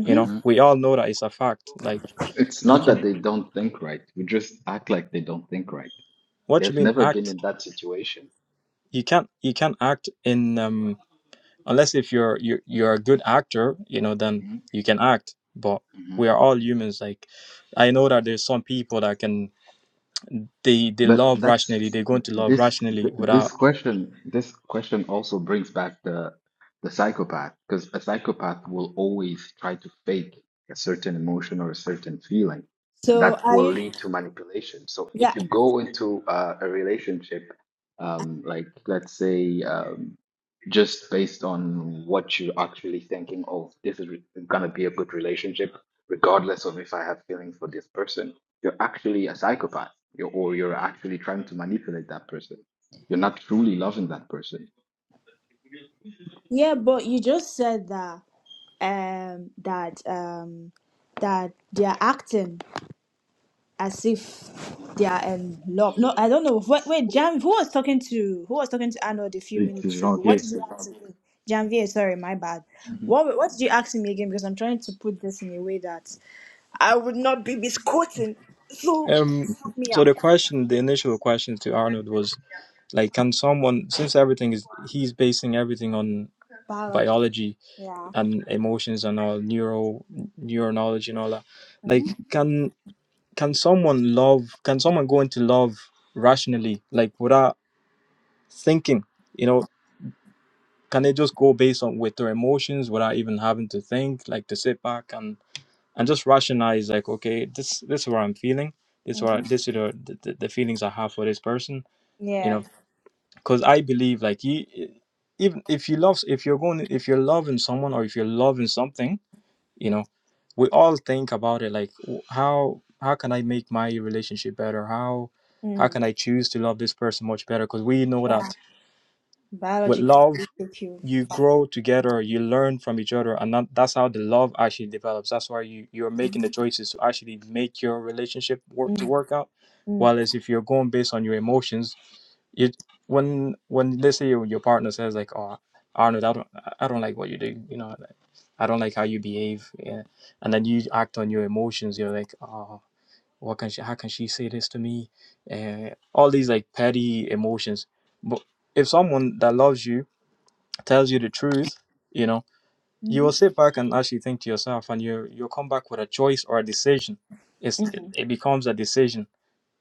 B: you know
C: hmm
B: we all know that it's a fact like
C: It's
B: you
C: not that
B: can
C: they don't think right. We just act like they don't think right.
B: what you
C: They've
B: mean
C: never been
B: act
C: in that situation.
B: you can't you can't act in um unless if you're you're, you're a good actor you know then
C: hmm
B: you can act but we are all humans like i know that there's some people that can they they
C: But
B: love
C: that's
B: rationally they're going to love
C: this
B: rationally
C: th- this
B: without
C: question this question also brings back the the psychopath because a psychopath will always try to fake a certain emotion or a certain feeling and
E: So
C: that
E: are
C: will
E: you
C: lead to manipulation. So if
E: yeah
C: you go into uh, a relationship um, like let's say um, just based on what you're actually thinking, oh, this is re- gonna be a good relationship, regardless of if I have feelings for this person you're actually a psychopath you're, or you're actually trying to manipulate that person you're not truly loving that person
E: yeah, but you just said that um that um that they are acting. as if they are in love. No, I don't know. Wait, wait, Jan, who was talking to who was talking to Arnold a few
C: It is
E: minutes
C: wrong
E: ago? What
C: here.
E: did you ask me? Janvier, sorry, my bad.
C: Mhm.
E: What what did you ask me again? Because I'm trying to put this in a way that I would not be misquoting. So
B: um
E: please help me
B: so
E: out.
B: the question the initial question to arnold was like can someone since everything is he's basing everything on
E: Biology.
B: biology
E: Yeah.
B: and emotions and all neuro neural knowledge and all that like
E: Mm-hmm.
B: can can someone love can someone go into love rationally like without thinking you know can they just go based on with their emotions without even having to think like to sit back and and just rationalize like okay this this is what i'm feeling this what
E: Mm-hmm.
B: I- this is the, the, the feelings i have for this person you
E: Yeah.
B: know because i believe like you even if you love if you're going if you're loving someone or if you're loving something you know we all think about it like w- how how can i make my relationship better how how
E: Mm.
B: can i choose to love this person much better because we know
E: Yeah.
B: that with
E: Biology can
B: love
E: really take you.
B: you grow together you learn from each other and that, that's how the love actually develops that's why you you're making the choices to actually make your relationship work to work out
E: Mm-hmm.
B: while as if you're going based on your emotions it when when let's say your, your partner says like oh arnold i don't i don't like what you do you know like, i don't like how you behave yeah. and then you act on your emotions you're like oh what can she how can she say this to me and all these like petty emotions but if someone that loves you tells you the truth, you know, you will
E: Mm-hmm.
B: sit back and actually think to yourself, and you you'll come back with a choice or a decision. It's it, it becomes a decision,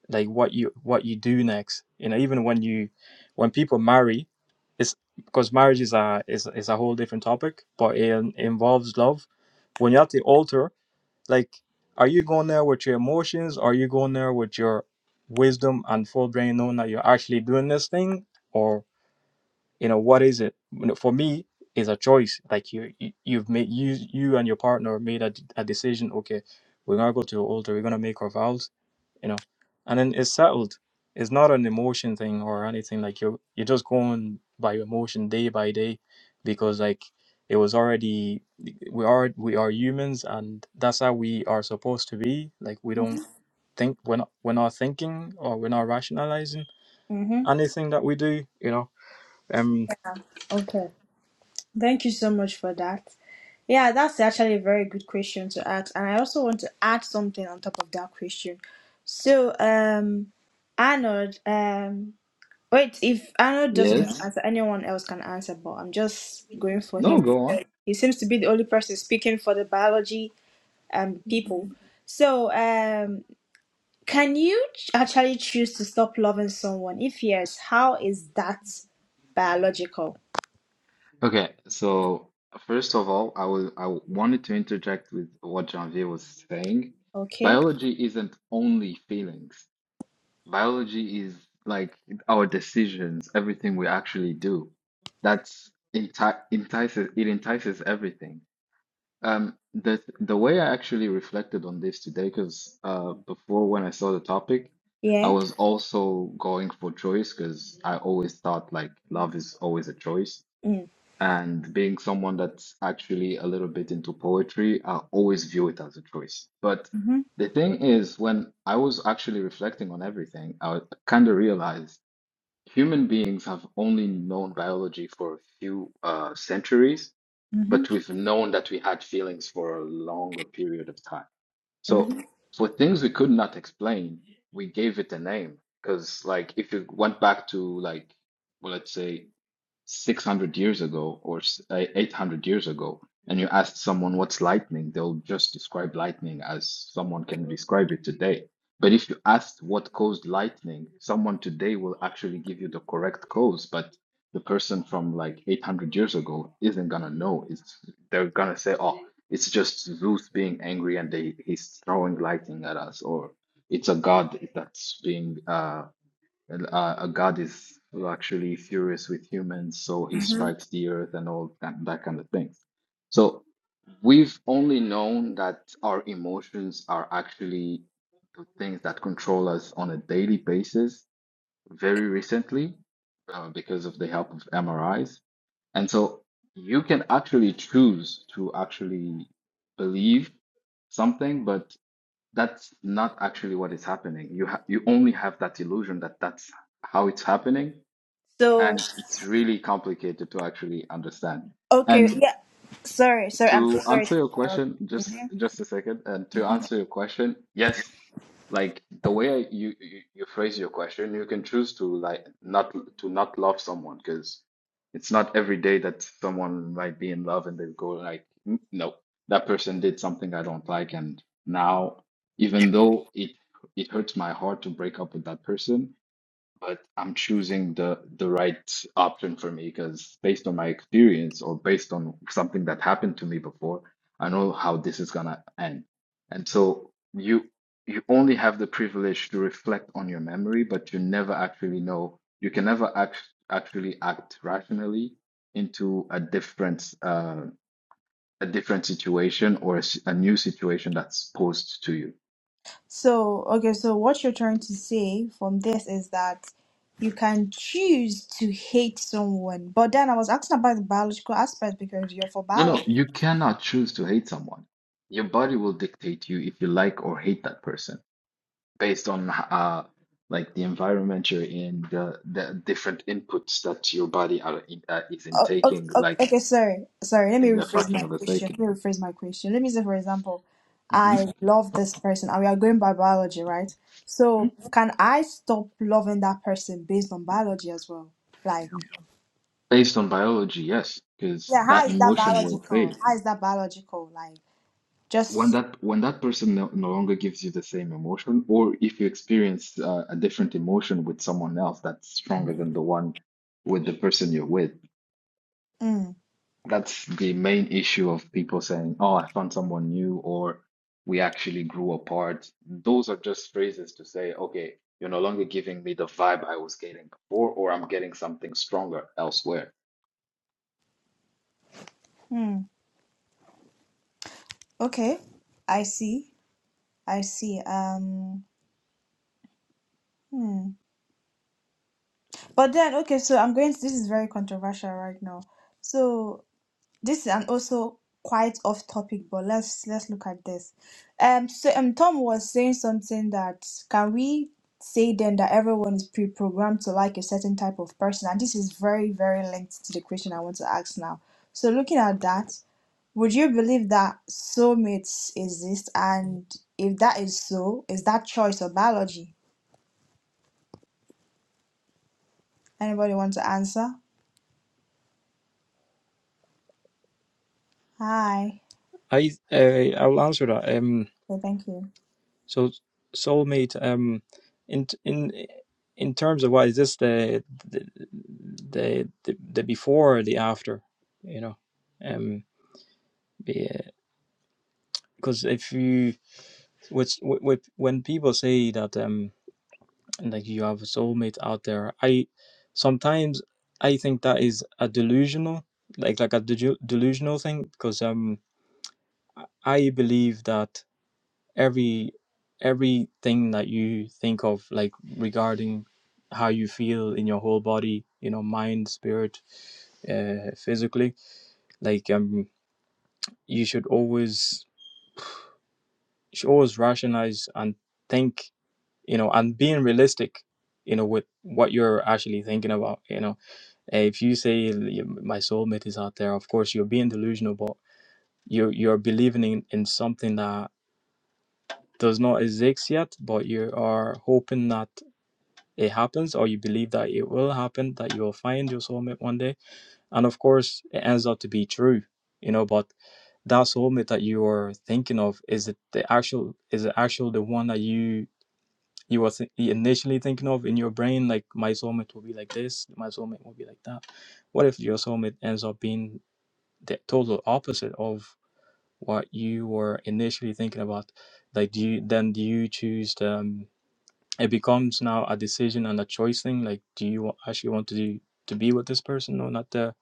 B: like what you what you do next. You know, even when you when people marry, it's because marriage is a is is a whole different topic, but it in- involves love. When you're at the altar, like, are you going there with your emotions? are you going there with your wisdom and full brain, knowing that you're actually doing this thing, you know what is it you know, for me is a choice like you you- you've made you you and your partner made a, d- a decision okay we're gonna go to the altar we're gonna make our vows you know and then it's settled it's not an emotion thing or anything like you you're just going by your emotion day by day because like it was already we are we are humans and that's how we are supposed to be like we don't think we're not we're not thinking or we're not rationalizing
E: Mm-hmm.
B: anything that we do you know um,
E: Okay. Thank you so much for that. Yeah, that's actually a very good question to ask. And I also want to add something on top of that question. So, um, Arnold, um, wait, if Arnold doesn't want to
C: yes
E: answer, anyone else can answer, but I'm just going for
C: no
E: him.
C: go on
E: He seems to be the only person speaking for the biology um people.
C: Mhm.
E: So, um, can you ch- actually choose to stop loving someone? If yes, how is that biological?
C: okay so first of all i will i wanted to interject with what janvier was saying
E: Okay,
C: biology isn't only feelings biology is like our decisions everything we actually do that's enti- entices it entices everything Um, the the way I actually reflected on this today, because uh, before when I saw the topic, I
E: yeah.
C: was also going for choice because I always thought like love is always a choice.
E: Mm.
C: And being someone that's actually a little bit into poetry, I always view it as a choice. But
E: Mm-hmm.
C: the thing is, when I was actually reflecting on everything, I kind of realized human beings have only known biology for a few uh, centuries but we've known that we had feelings for a longer period of time. So
E: hmm
C: for things we could not explain, we gave it a name because like if you went back to like well, let's say 600 years ago or s- eh, 800 years ago, and you ask someone what's lightning, they'll just describe lightning as someone can describe it today. But if you ask what caused lightning, someone today will actually give you the correct cause, but the person from like 800 years ago isn't gonna know. It's they're gonna say, "Oh, it's just Zeus being angry and they, he's throwing lightning at us," or it's a god that's being uh well, Uh, a god is actually furious with humans, so he
E: hmm
C: strikes the earth and all that, that kind of thing. So we've only known that our emotions are actually the things that control us on a daily basis very recently uh, because of the help of MRIs. And so you can actually choose to actually believe something, but that's not actually what is happening. You ha you only have that illusion that that's how it's happening,
E: So
C: and it's really complicated to actually understand.
E: okay,
C: And
E: yeah. Sorry, sorry. I'm so
C: to
E: sorry.
C: answer
E: To
C: your
E: interrupt.
C: question, just
E: Mhm.
C: just a second, and to answer your question, yes, like the way I, you, you you phrase your question, you can choose to like not to not love someone because it's not every day that someone might be in love and they go like, "Mm, no, that person did something I don't like, and now even though it it hurts my heart to break up with that person, but I'm choosing the the right option for me because based on my experience or based on something that happened to me before, I know how this is gonna end. And so you you only have the privilege to reflect on your memory, but you never actually know. You can never act, actually act rationally into a different uh, a different situation or a, s- a new situation that's posed to you.
E: So okay, so what you're trying to say from this is that you can choose to hate someone, but then I was asking about the biological aspect because you're for
C: No, no,
E: biology.
C: you cannot choose to hate someone. Your body will dictate you if you like or hate that person based on uh like the environment you're in, the the different inputs that your body are in, uh, is
E: Oh, oh,
C: intaking,
E: oh,
C: like
E: okay, sorry, sorry. Let me
C: in a
E: rephrase my
C: fraction of a
E: question.
C: 2nd
E: Let me rephrase my question. Let me say, for example, I love this person, and we are going by biology, right? So can I stop loving that person based on biology as well? Like.
C: Based on biology, yes, because
E: Yeah, how
C: that
E: is that
C: emotion will
E: biological?
C: fade.
E: How is that biological? Like
C: When
E: just
C: that when that person no, no longer gives you the same emotion, or if you experience uh, a different emotion with someone else that's stronger than the one with the person you're with
E: mm,
C: That's the main issue of people saying, "Oh, I found someone new," or "We actually grew apart." Those are just phrases to say, "Okay, you're no longer giving me the vibe I was getting before, or I'm getting something stronger elsewhere."
E: mm, okay. I see. I see. Um hmm. But then okay, so I'm going to, this is very controversial right now. So this is an also quite off topic, but let's let's look at this. Um so um Tom was saying something that can we say then that everyone is pre-programmed to like a certain type of person and this is very very linked to the question I want to ask now. So looking at that Would you believe that soulmates exist? And if that is so, is that choice or biology? Anybody want to answer? Hi.
B: I uh, I'll answer that. Um,
E: Okay, thank you.
B: so soulmate. Um, in in in terms of what is this the the the the, the before or the after? You know, um, because if you which wh- wh- when people say that um like you have a soulmate out there, I sometimes I think that is a delusional like like a delu- delusional thing because um I I believe that every everything that you think of like regarding how you feel in your whole body you know mind spirit uh, physically like um you should always you should always rationalize and think you know and being realistic you know with what you're actually thinking about you know Uh, if you say "Yeah, my soulmate is out there of course you're being delusional but you're you're believing in, in something that does not exist yet but you are hoping that it happens or you believe that it will happen that you will find your soulmate one day and of course it ends up to be true you know but that soulmate that you are thinking of is it the actual is it actual the one that you you were th- initially thinking of in your brain like my soulmate will be like this my soulmate will be like that what if your soulmate ends up being the total opposite of what you were initially thinking about like do you then do you choose them it becomes now a decision and a choice thing like do you wa- actually want to do, to be with this person or not the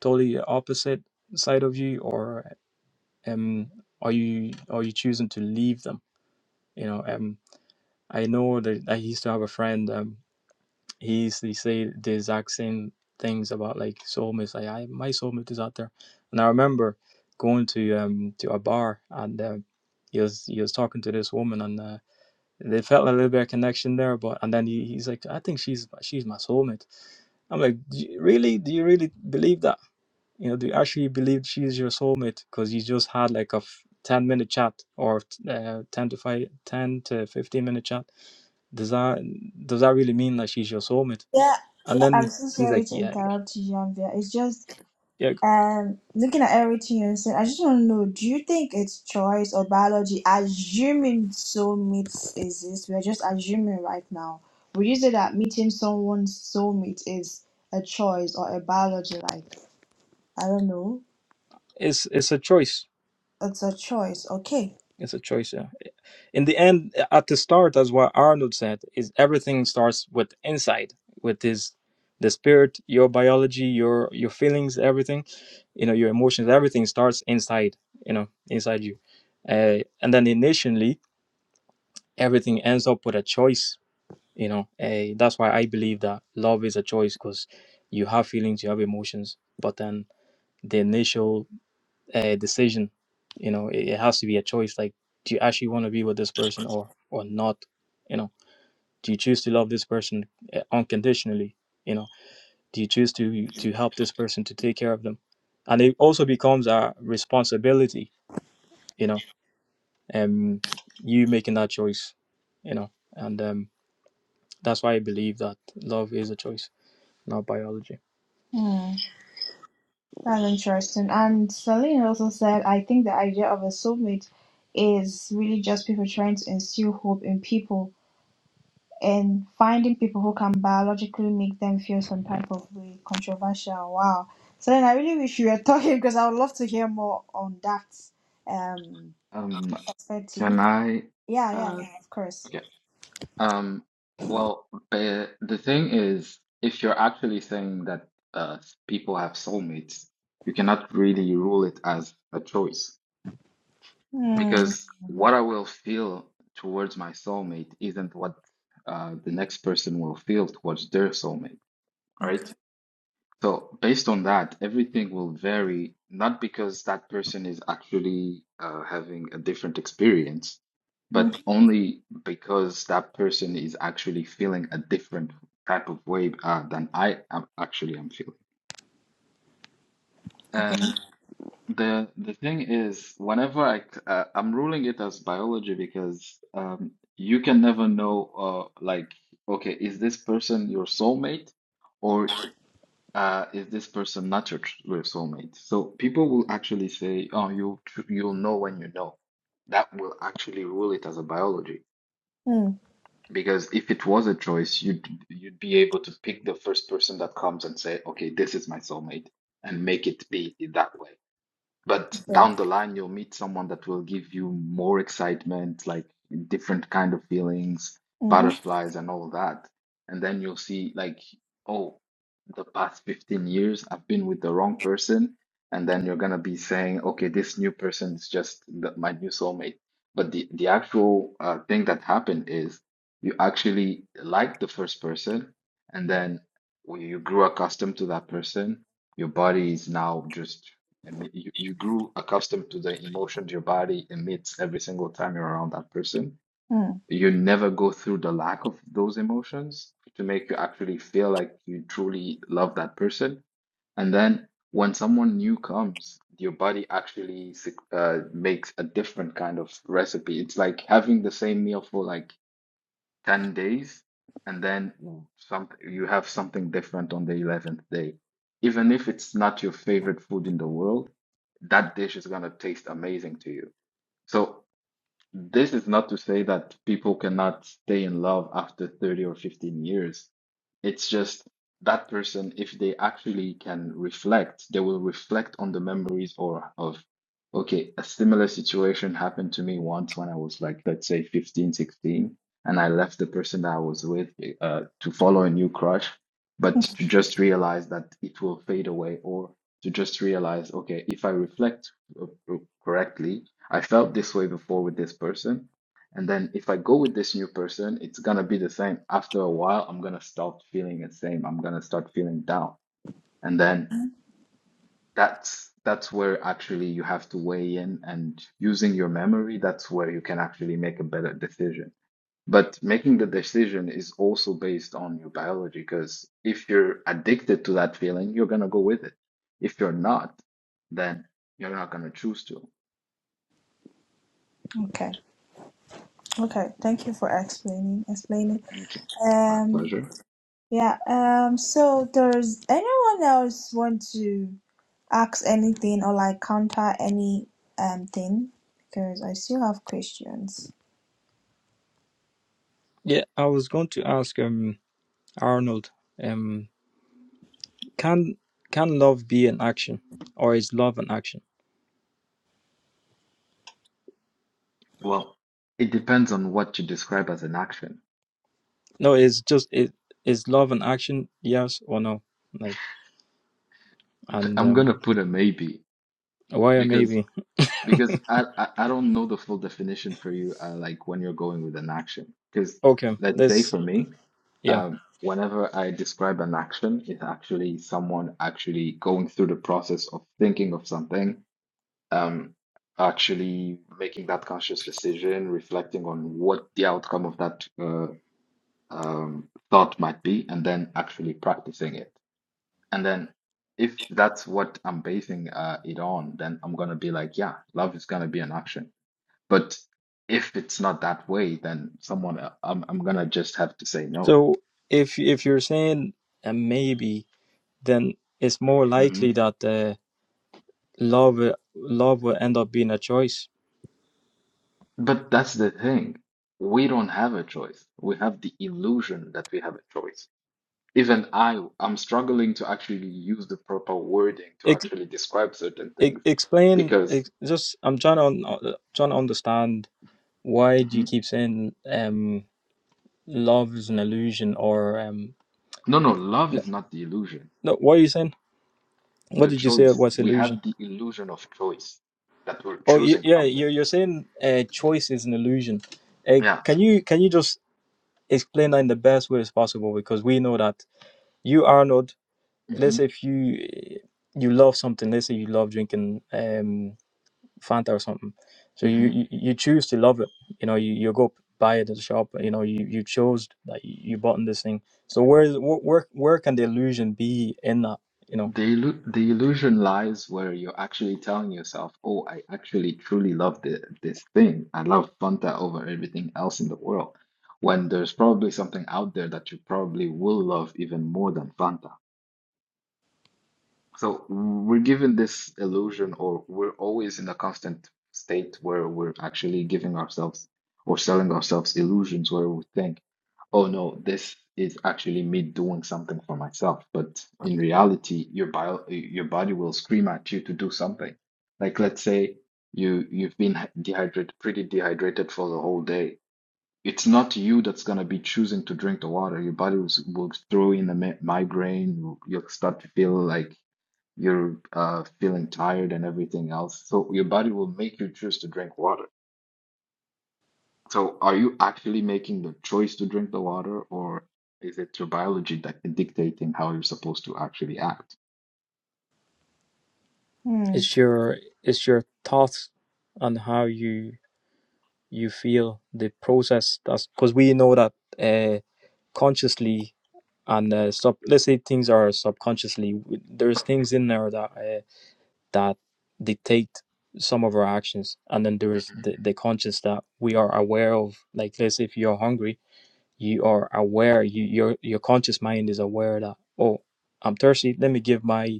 B: totally opposite side of you or um are you are you choosing to leave them you know um i know that i used to have a friend um he used to say the exact same things about like soulmates like i my soulmate is out there and i remember going to um to a bar and uh, he was he was talking to this woman and. Uh, they felt a little bit of connection there, but and then he, he's like, I think she's she's my soulmate. I'm like, do you, really? Do you really believe that? You know, do you actually believe she's your soulmate? Because you just had like a f- 10 minute chat or uh, 10 to 5, 10 to 15 minute chat. Does that does that really mean that she's your soulmate?
E: Yeah,
B: And
E: yeah. I'm
B: then
E: so
B: he's
E: sorry
B: like,
E: to
B: yeah, yeah,
E: interrupt you, Janvia. It's just
B: yeah.
E: um looking at everything you're saying, I just want to know, do you think it's choice or biology? Assuming soulmates exist, we're just assuming right now. Would you say that meeting someone's soulmate is a choice or a biology? Like, I don't know.
B: It's it's a choice
E: It's a choice. Okay.
B: It's a choice, yeah. In the end, at the start, as what Arnold said, is everything starts with inside, with this the spirit, your biology, your your feelings, everything, you know, your emotions, everything starts inside, you know, inside you. Uh, and then initially, everything ends up with a choice, you know. Uh, that's why I believe that love is a choice because you have feelings, you have emotions, but then the initial a decision. You know, it, it has to be a choice. Like, do you actually want to be with this person or or not? You know, do you choose to love this person uh, unconditionally? You know, do you choose to to help this person to take care of them? And it also becomes a responsibility. You know, um, you making that choice. You know, and um, that's why I believe that love is a choice, not biology.
E: Hmm. That's interesting. And Celine also said, I think the idea of a soulmate is really just people trying to instill hope in people and finding people who can biologically make them feel some type of way. Controversial. Wow. Celine, I really wish you were talking because I would love to hear more on that um
C: Um,
E: perspective.
C: can I?
E: Yeah, yeah,
C: Uh,
E: yeah, of course.
C: okay. Um, well, the the thing is, if you're actually saying that uh people have soulmates, you cannot really rule it as a choice
E: Hmm.
C: because what I will feel towards my soulmate isn't what uh, the next person will feel towards their soulmate, right?
E: Okay.
C: So based on that, everything will vary, not because that person is actually uh, having a different experience,
E: Hmm.
C: but only because that person is actually feeling a different type of way uh, than I am actually am feeling.
E: Okay.
C: And. The the thing is, whenever I c- uh, I'm ruling it as biology because um, you can never know uh, like okay, is this person your soulmate or uh, is this person not your, tr- your soulmate? So people will actually say, oh, you you'll know when you know. That will actually rule it as a biology
E: Hmm.
C: because if it was a choice, you'd you'd be able to pick the first person that comes and say, okay, this is my soulmate, and make it be that way. But
E: Okay.
C: down the line, you'll meet someone that will give you more excitement, like different kind of feelings,
E: Mm-hmm.
C: butterflies and all that. And then you'll see like, oh, the past 15 years I've been with the wrong person. And then you're gonna be saying, okay, this new person is just the, my new soulmate. But the, the actual uh, thing that happened is you actually liked the first person, and then when you grew accustomed to that person your body is now just and you, you grew accustomed to the emotions your body emits every single time you're around that person.
E: Hmm.
C: You never go through the lack of those emotions to make you actually feel like you truly love that person. And then when someone new comes, your body actually sec- uh, makes a different kind of recipe. It's like having the same meal for like 10 days and then Mm. some you have something different on the 11th day. Even if it's not your favorite food in the world, that dish is going to taste amazing to you. So this is not to say that people cannot stay in love after 30 or 15 years. It's just that person, if they actually can reflect, they will reflect on the memories or of, okay, a similar situation happened to me once when I was like, let's say 15, 16, and I left the person that I was with uh, to follow a new crush, but to just realize that it will fade away or to just realize, okay, if I reflect uh, correctly, I felt this way before with this person. And then if I go with this new person, it's gonna be the same. After a while, I'm gonna stop feeling the same. I'm gonna start feeling down. And then that's that's where actually you have to weigh in and using your memory, that's where you can actually make a better decision. But making the decision is also based on your biology, because if you're addicted to that feeling, you're gonna go with it. If you're not, then you're not gonna choose to.
E: Okay. Okay, thank you for explaining explaining.
C: Okay, my
E: Um
C: pleasure.
E: yeah, um so does anyone else want to ask anything or like counter any um thing? Because I still have questions.
B: Yeah, I was going to ask um Arnold um Can can love be an action, or is love an action?
C: Well, it depends on what you describe as an action.
B: No, it's just it is love an action? Yes or no? Like and
C: I'm
B: um,
C: gonna put a maybe
B: why a
C: because
B: maybe?
C: because I I, I don't know the full definition for you uh, like when you're going with an action. Because
B: Okay,
C: let's say
B: this
C: for me,
B: yeah.
C: um, whenever I describe an action, it's actually someone actually going through the process of thinking of something, um, actually making that conscious decision, reflecting on what the outcome of that uh, um, thought might be, and then actually practicing it. And then if that's what I'm basing uh, it on, then I'm gonna be like, yeah, love is gonna be an action. But if it's not that way, then someone el- I'm I'm gonna just have to say no.
B: So if if you're saying a maybe, then it's more likely
C: Mhm.
B: that uh, love love will end up being a choice.
C: But that's the thing. We don't have a choice. We have the illusion that we have a choice. Even I, I'm struggling to actually use the proper wording to
B: Ex-
C: actually describe certain
B: ex-
C: things
B: explain
C: because
B: ex- just I'm trying to un- uh, trying to understand why do you
C: Mhm.
B: keep saying um love is an illusion or um
C: no, no, love is not the illusion.
B: No, what are you saying? What
C: the
B: did you say
C: choice.
B: was
C: We
B: illusion?
C: have the illusion of choice that we're
B: Oh, y-
C: choosing
B: yeah,
C: something.
B: you're you're saying uh, choice is an illusion. Uh,
C: Yeah.
B: can you can you just explain that in the best way as possible? Because we know that you, Arnold. Let's
C: hmm
B: say if you eh, you love something. Let's say you love drinking um Fanta or something. So you
C: hmm
B: you, you choose to love it. You know, you, you go buy it at the shop. You know, you you chose that you bought in this thing. So where where where can the illusion be in that? You know.
C: The illu the illusion lies where you're actually telling yourself, "Oh, I actually truly love the, this thing. I love Fanta over everything else in the world." When there's probably something out there that you probably will love even more than Fanta. So we're given this illusion, or we're always in a constant state where we're actually giving ourselves or selling ourselves illusions where we think, oh no, this is actually me doing something for myself. But in reality, your bio, your body will scream at you to do something. Like let's say you you've been dehydrated, pretty dehydrated for the whole day. It's not you that's gonna be choosing to drink the water. Your body will, will throw in a mi- migraine. You'll start to feel like you're uh, feeling tired and everything else. So your body will make you choose to drink water. So are you actually making the choice to drink the water, or is it your biology that is dictating how you're supposed to actually act?
E: Hmm.
B: It's your it's your thoughts on how you you feel the process. That's because we know that uh, consciously and uh, sub. Let's say things are subconsciously. w- There's things in there that uh, that dictate some of our actions, and then there's
C: Mm-hmm.
B: the, the conscious that we are aware of. Like let's say if you're hungry, you are aware. You your your conscious mind is aware that oh, I'm thirsty. Let me give my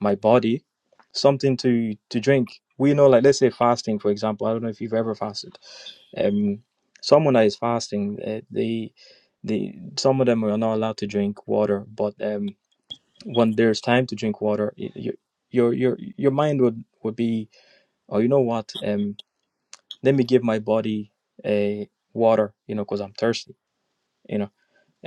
B: my body something to to drink. We know, like let's say fasting, for example. I don't know if you've ever fasted. Um, someone that is fasting, uh, they the some of them are not allowed to drink water, but um, when there's time to drink water, y- y- your your your mind would would be, oh, you know what? Um, let me give my body a water, you know, because I'm thirsty, you know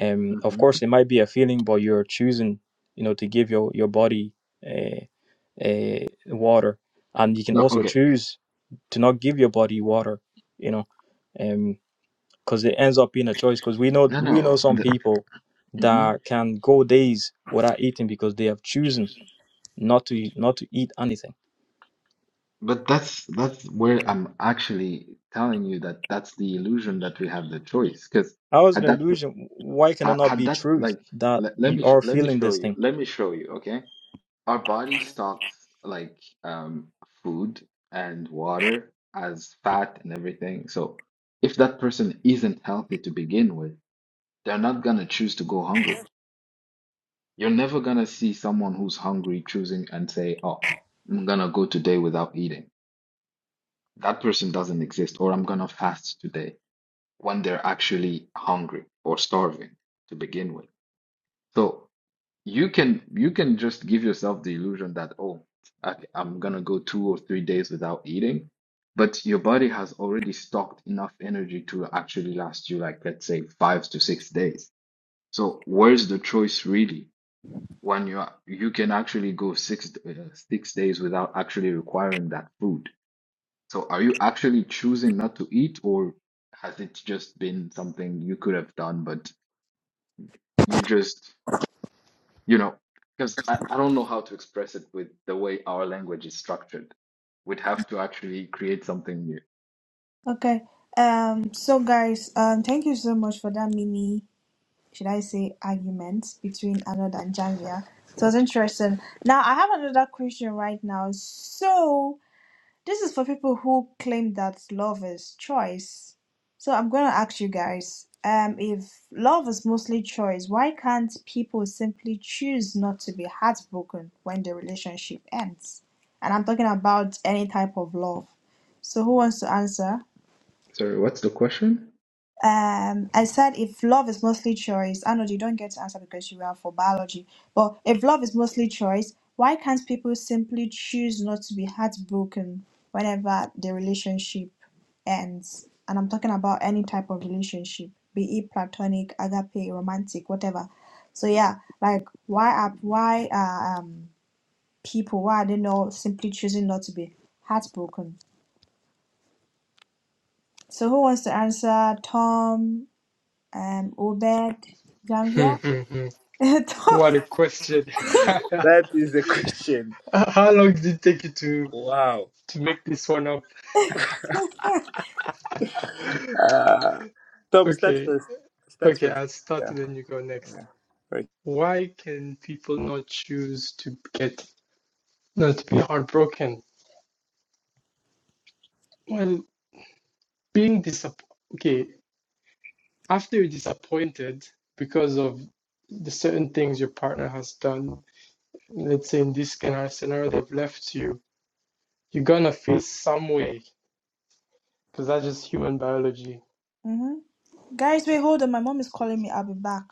B: um of
C: hmm
B: course it might be a feeling but you're choosing you know to give your your body uh, uh water and you can
C: No,
B: also
C: okay.
B: choose to not give your body water you know um because it ends up being a choice because we know
C: No,
B: we know
C: no.
B: some
C: The,
B: people
C: hmm
B: that can go days without eating because they have chosen not to not to eat anything
C: But that's that's where I'm actually telling you that that's the illusion that we have the choice. Because
B: how is an
C: had that
B: illusion why can it
C: had,
B: not
C: had
B: be
C: that
B: truth
C: like
B: that
C: let, let
B: you
C: me sh
B: are
C: let me
B: feeling
C: show
B: this
C: you
B: thing
C: let me show you. Okay, our body stocks like um food and water as fat and everything. So if that person isn't healthy to begin with, they're not gonna choose to go hungry. You're never gonna see someone who's hungry choosing and say, "Oh, I'm gonna go today without eating." That person doesn't exist, or I'm gonna fast today when they're actually hungry or starving to begin with. So you can you can just give yourself the illusion that, "Oh, okay, I'm gonna go two or three days without eating," but your body has already stocked enough energy to actually last you like let's say five to six days. So where's the choice really? when you are, you can actually go six uh, six days without actually requiring that food. So are you actually choosing not to eat, or has it just been something you could have done, but you just, you know, because I, I don't know how to express it with the way our language is structured. We'd have to actually create something new.
E: Okay. Um so guys, um thank you so much for that mini should I say argument between Anod and Jamia. It was interesting. Now I have another question right now. So This is for people who claim that love is choice. So I'm going to ask you guys um, if love is mostly choice, why can't people simply choose not to be heartbroken when the relationship ends? And I'm talking about any type of love. So who wants to answer?
C: Sorry, what's the question?
E: Um, I said if love is mostly choice, I know you don't get to answer because you are for biology, but if love is mostly choice, why can't people simply choose not to be heartbroken whenever the relationship ends? And I'm talking about any type of relationship, be it platonic, agape, romantic, whatever. So yeah, like why are why are um people why are they not simply choosing not to be heartbroken? So who wants to answer? Tom, um, Obed,
A: Hmm,
E: Janvier.
A: hmm, hmm. what a question.
G: you. That is the question.
A: How long did it take you to,
G: Wow.
A: to make this one up?
E: mm-hmm.
G: Uh, Tom, start
A: Okay,
G: first. Start
A: okay,
G: first.
A: I'll start
G: Yeah.
A: and then you go next.
G: yeah. Right.
A: Why can people not choose to get, not to be heartbroken? Well, being disappointed. Okay, after you're disappointed because of the certain things your partner has done, let's say in this kind of scenario, they've left you, you're gonna feel some way because that's just human biology.
E: Guys, wait, hold on. My mom is calling me. I'll be back.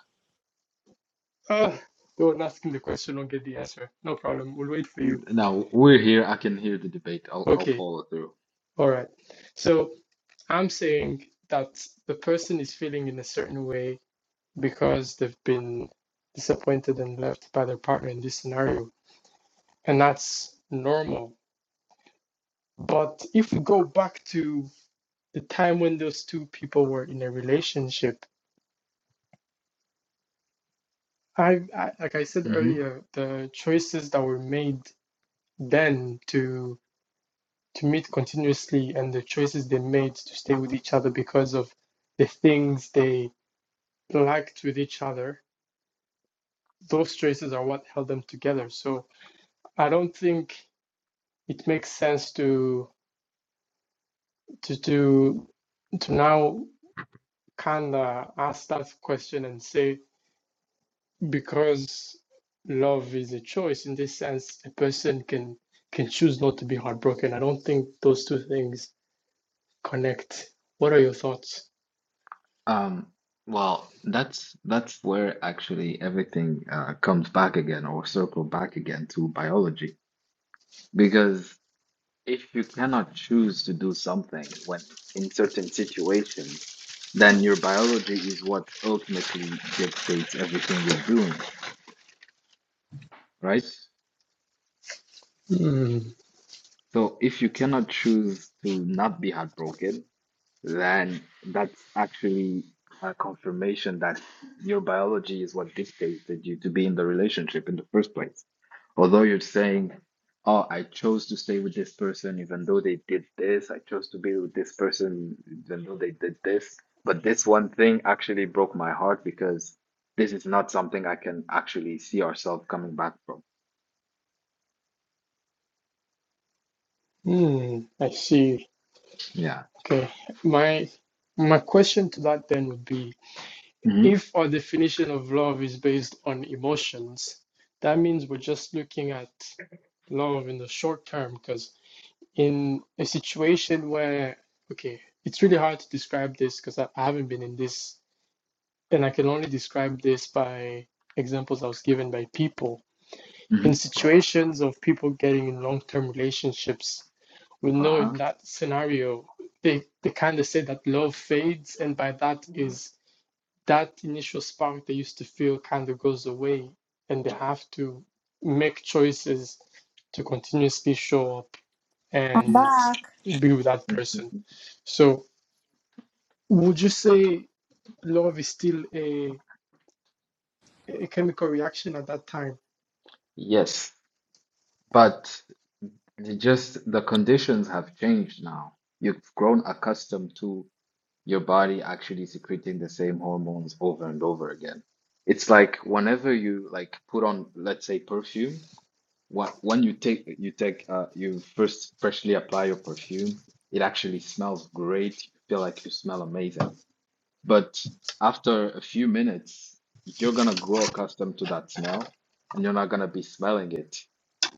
A: Ah, don't ask him the question, don't get the answer. No problem, we'll wait for you.
C: Now we're here. I can hear the debate. I'll I'll
A: Okay,
C: follow through.
A: all right. So I'm saying that the person is feeling in a certain way because they've been disappointed and left by their partner in this scenario, and that's normal. But if we go back to the time when those two people were in a relationship I, I like i said earlier the choices that were made then to to meet continuously and the choices they made to stay with each other because of the things they liked with each other those choices are what held them together so i don't think it makes sense to to to to now kind of ask that question and say because love is a choice in this sense a person can can choose not to be heartbroken i don't think those two things connect what are your thoughts
C: Um, well, that's that's where actually everything uh, comes back again or circle back again to biology. Because if you cannot choose to do something when in certain situations, then your biology is what ultimately dictates everything you're doing, right?
A: mm,
C: So if you cannot choose to not be heartbroken, then that's actually a confirmation that your biology is what dictated you to be in the relationship in the first place. Although you're saying, Oh, I chose to stay with this person even though they did this, I chose to be with this person even though they did this. But this one thing actually broke my heart because this is not something I can actually see ourselves coming back from.
A: mm, i see
C: Yeah.
A: okay my my question to that then would be
C: hmm
A: if our definition of love is based on emotions that means we're just looking at love in the short term because in a situation where okay it's really hard to describe this because I, I haven't been in this and I can only describe this by examples I was given by people
C: hmm
A: in situations of people getting in long term relationships. We know
C: Uh-huh.
A: in that scenario, they, they kind of say that love fades, and by that is that initial spark they used to feel kind of goes away, and they have to make choices to continuously show up
E: I'm
A: and
E: back.
A: be with that person. So, would you say love is still a a chemical reaction at that time.
C: yes. But It's just the conditions have changed now. You've grown accustomed to your body actually secreting the same hormones over and over again. It's like whenever you like put on, let's say, perfume, what when you take you take uh you first freshly apply your perfume, it actually smells great. You feel like you smell amazing. But after a few minutes, you're gonna grow accustomed to that smell and you're not gonna be smelling it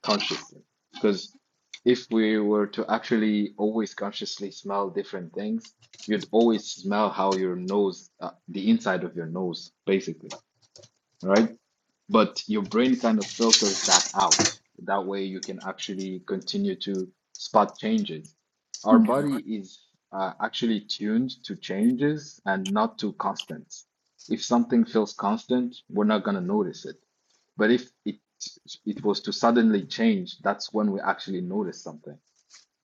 C: consciously. Because if we were to actually always consciously smell different things, you'd always smell how your nose, uh, the inside of your nose, basically, right? but your brain kind of filters that out. That way, you can actually continue to spot changes. Our body is uh, actually tuned to changes and not to constants. If something feels constant, we're not going to notice it. But if it it was to suddenly change, that's when we actually notice something.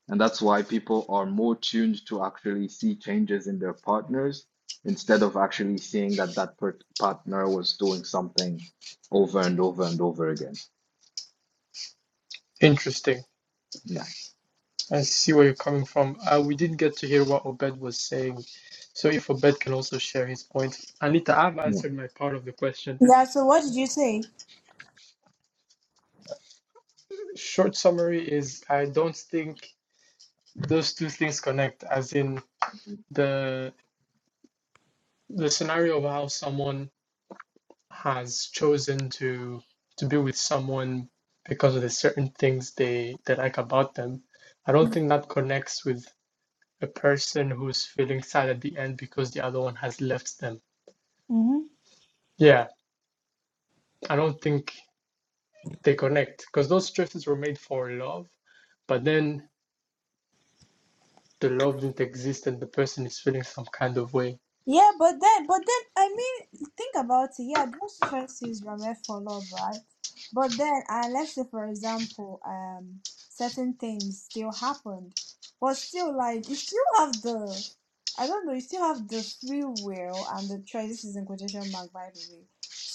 C: And that's why people are more tuned to actually see changes in their partners instead of actually seeing that that per partner was doing something over and over and over again.
A: Interesting.
C: Yeah.
A: I see where you're coming from. Uh, we didn't get to hear what Obed was saying. So if Obed can also share his point. Anita, I've
C: Yeah.
A: answered my part of the question.
E: Yeah, so what did you say?
A: Short summary is I don't think those two things connect, as in the the scenario of how someone has chosen to to be with someone because of the certain things they, they like about them. I don't think that connects with a person who's feeling sad at the end because the other one has left them.
E: Mm-hmm.
A: Yeah, I don't think they connect because those stresses were made for love, but then the love didn't exist and the person is feeling some kind of way.
E: Yeah, but then, but then, I mean, think about it. Yeah, those choices were made for love, right? But then, uh, let's say, for example, um, certain things still happened, but still, like, you still have the, I don't know, you still have the free will and the choice. This is in quotation mark, by the way,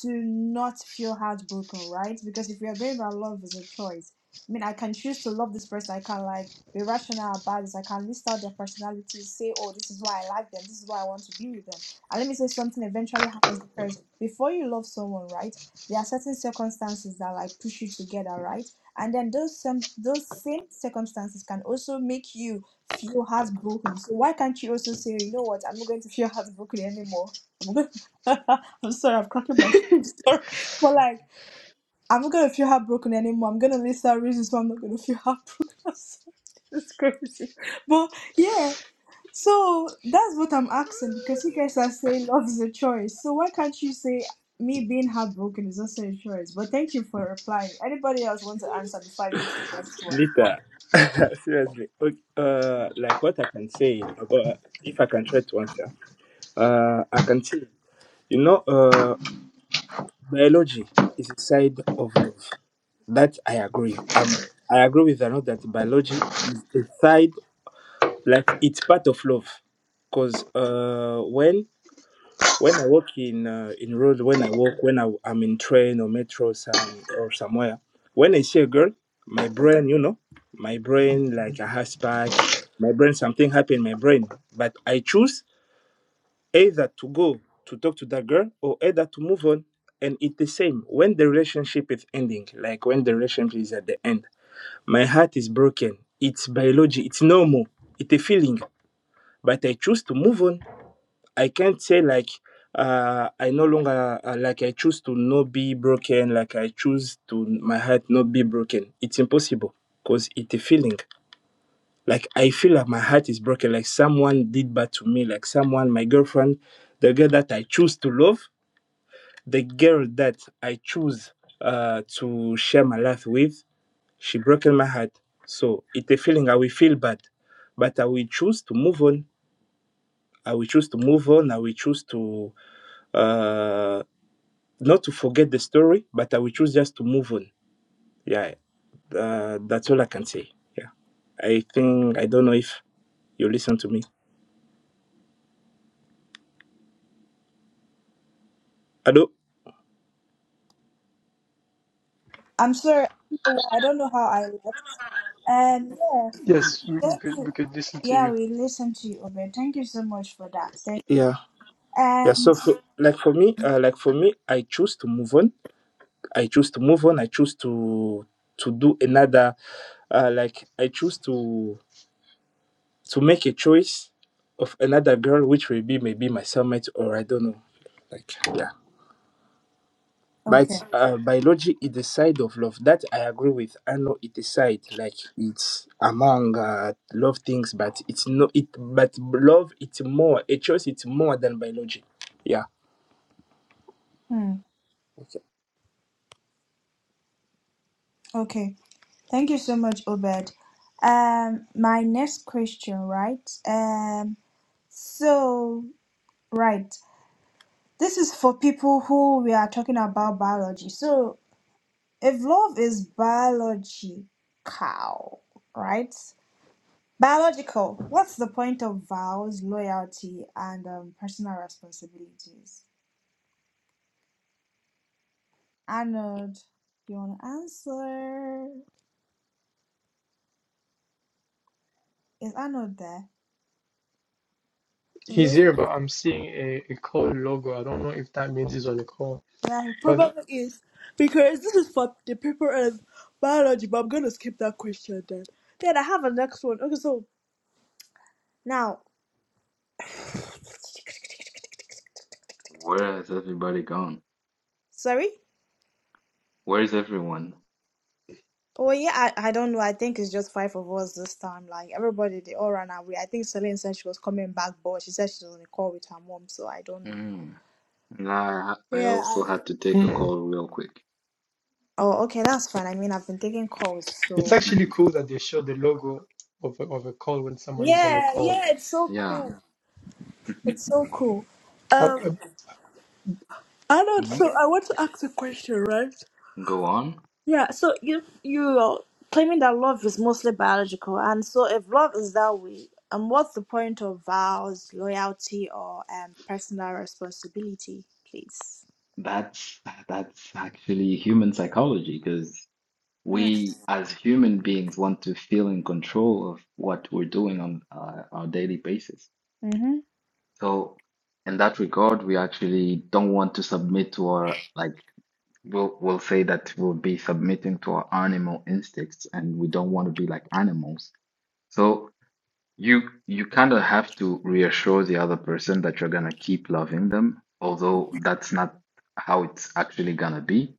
E: to not feel heartbroken, right? Because if we are going by love as a choice, I mean, I can choose to love this person. I can like be rational about this. I can list out their personalities, say, oh, this is why I like them, this is why I want to be with them. And let me say something eventually happens because before you love someone, right? There are certain circumstances that like push you together, right? And then those some those same circumstances can also make you feel heartbroken. So why can't you also say, you know what, I'm not going to feel heartbroken anymore. I'm, going I'm sorry, I'm cracking myself. Sorry. But like I'm not gonna feel heartbroken anymore. I'm gonna list out reasons why I'm not gonna feel heartbroken. it's crazy, but yeah. So that's what I'm asking because you guys are saying love is a choice. So why can't you say me being heartbroken is also a choice? But thank you for replying. Anybody else want to answer before I go to the next one?
G: Lita, seriously, okay, uh, like what I can say about if I can try to answer, uh, I can say, you know, uh, biology is a side of love. That I agree. Um, I agree with Arnold that biology is a side like it's part of love because uh when when i walk in uh, in road when i walk when I, i'm in train or metro some or somewhere when i see a girl my brain you know my brain like a has pack my brain something happened my brain but i choose either to go to talk to that girl or either to move on and it's the same when the relationship is ending like when the relationship is at the end my heart is broken it's biology it's normal it's a feeling but I choose to move on. I can't say like uh, I no longer uh, like I choose to not be broken. Like I choose to my heart not be broken. It's impossible because it's a feeling. Like I feel like my heart is broken. Like someone did bad to me. Like someone, my girlfriend, the girl that I choose to love, the girl that I choose uh, to share my life with, she broken my heart. So it's a feeling I will feel bad, but I will choose to move on I will choose to move on. I will choose to uh, not to forget the story, but I will choose just to move on. Yeah, uh, that's all I can say. Yeah, I think I don't know if you listen to me. Hello.
E: I'm sorry. I don't know how I left. And yeah,
A: Yes, we, we
E: thank
A: could
E: you.
A: we could listen to
E: Yeah,
A: you.
E: we listened to you, Obed. Thank you so much for that. Thank-
G: Yeah, yeah.
E: And
G: So for, like for me, uh, like for me, I choose to move on. I choose to move on. I choose to to do another. Uh, like I choose to to make a choice of another girl, which will be maybe my soulmate or I don't know. Like yeah. But
E: okay,
G: uh, biology is the side of love that I agree with. I know it is side like it's among uh, love things, but it's no it. But love it's more a choice. It's more than biology. Yeah.
E: hmm.
G: Okay.
E: okay. Thank you so much, Obed. Um, my next question, right? Um, so, right, this is for people who we are talking about biology. So, if love is biological, right? Biological, what's the point of vows, loyalty, and um, personal responsibilities? Arnold, you want to answer? Is Arnold there?
A: He's here, but I'm seeing a, a call logo. I don't know if that means he's on a call,
E: My
A: but
E: problem is because this is for the paper of biology, but I'm gonna skip that question then. Then I have a next one. Okay, so now,
C: Where has everybody gone?
E: sorry.
C: Where is everyone?
E: Oh yeah, I, I don't know. I think it's just five of us this time. Like everybody, they all ran away. I think Celine said she was coming back, but she said she was on a call with her mom, so I don't know.
C: Mm. And I, I
E: Yeah. I...
C: also had to take a
A: hmm,
C: call real quick.
E: Oh, okay, that's fine. I mean, I've been taking calls,
A: it's
E: so
A: actually cool that they show the logo of a, of a call when someone is on a
E: yeah,
A: call.
E: yeah, it's so
C: Yeah.
E: cool. It's so cool.
A: I,
E: Um,
A: I,
E: I don't.
C: Mhm.
E: So I want to ask a question, right?
C: Go on.
E: Yeah, so you you're claiming that love is mostly biological, and so if love is that way, um, what's the point of vows, loyalty, or um personal responsibility, please?
C: That's that's actually human psychology because
E: Mm.
C: we as human beings want to feel in control of what we're doing on uh, our daily basis.
E: Mm-hmm.
C: So in that regard, we actually don't want to submit to our like we'll we'll say that we'll be submitting to our animal instincts and we don't want to be like animals. So you you kind of have to reassure the other person that you're gonna keep loving them, although that's not how it's actually gonna be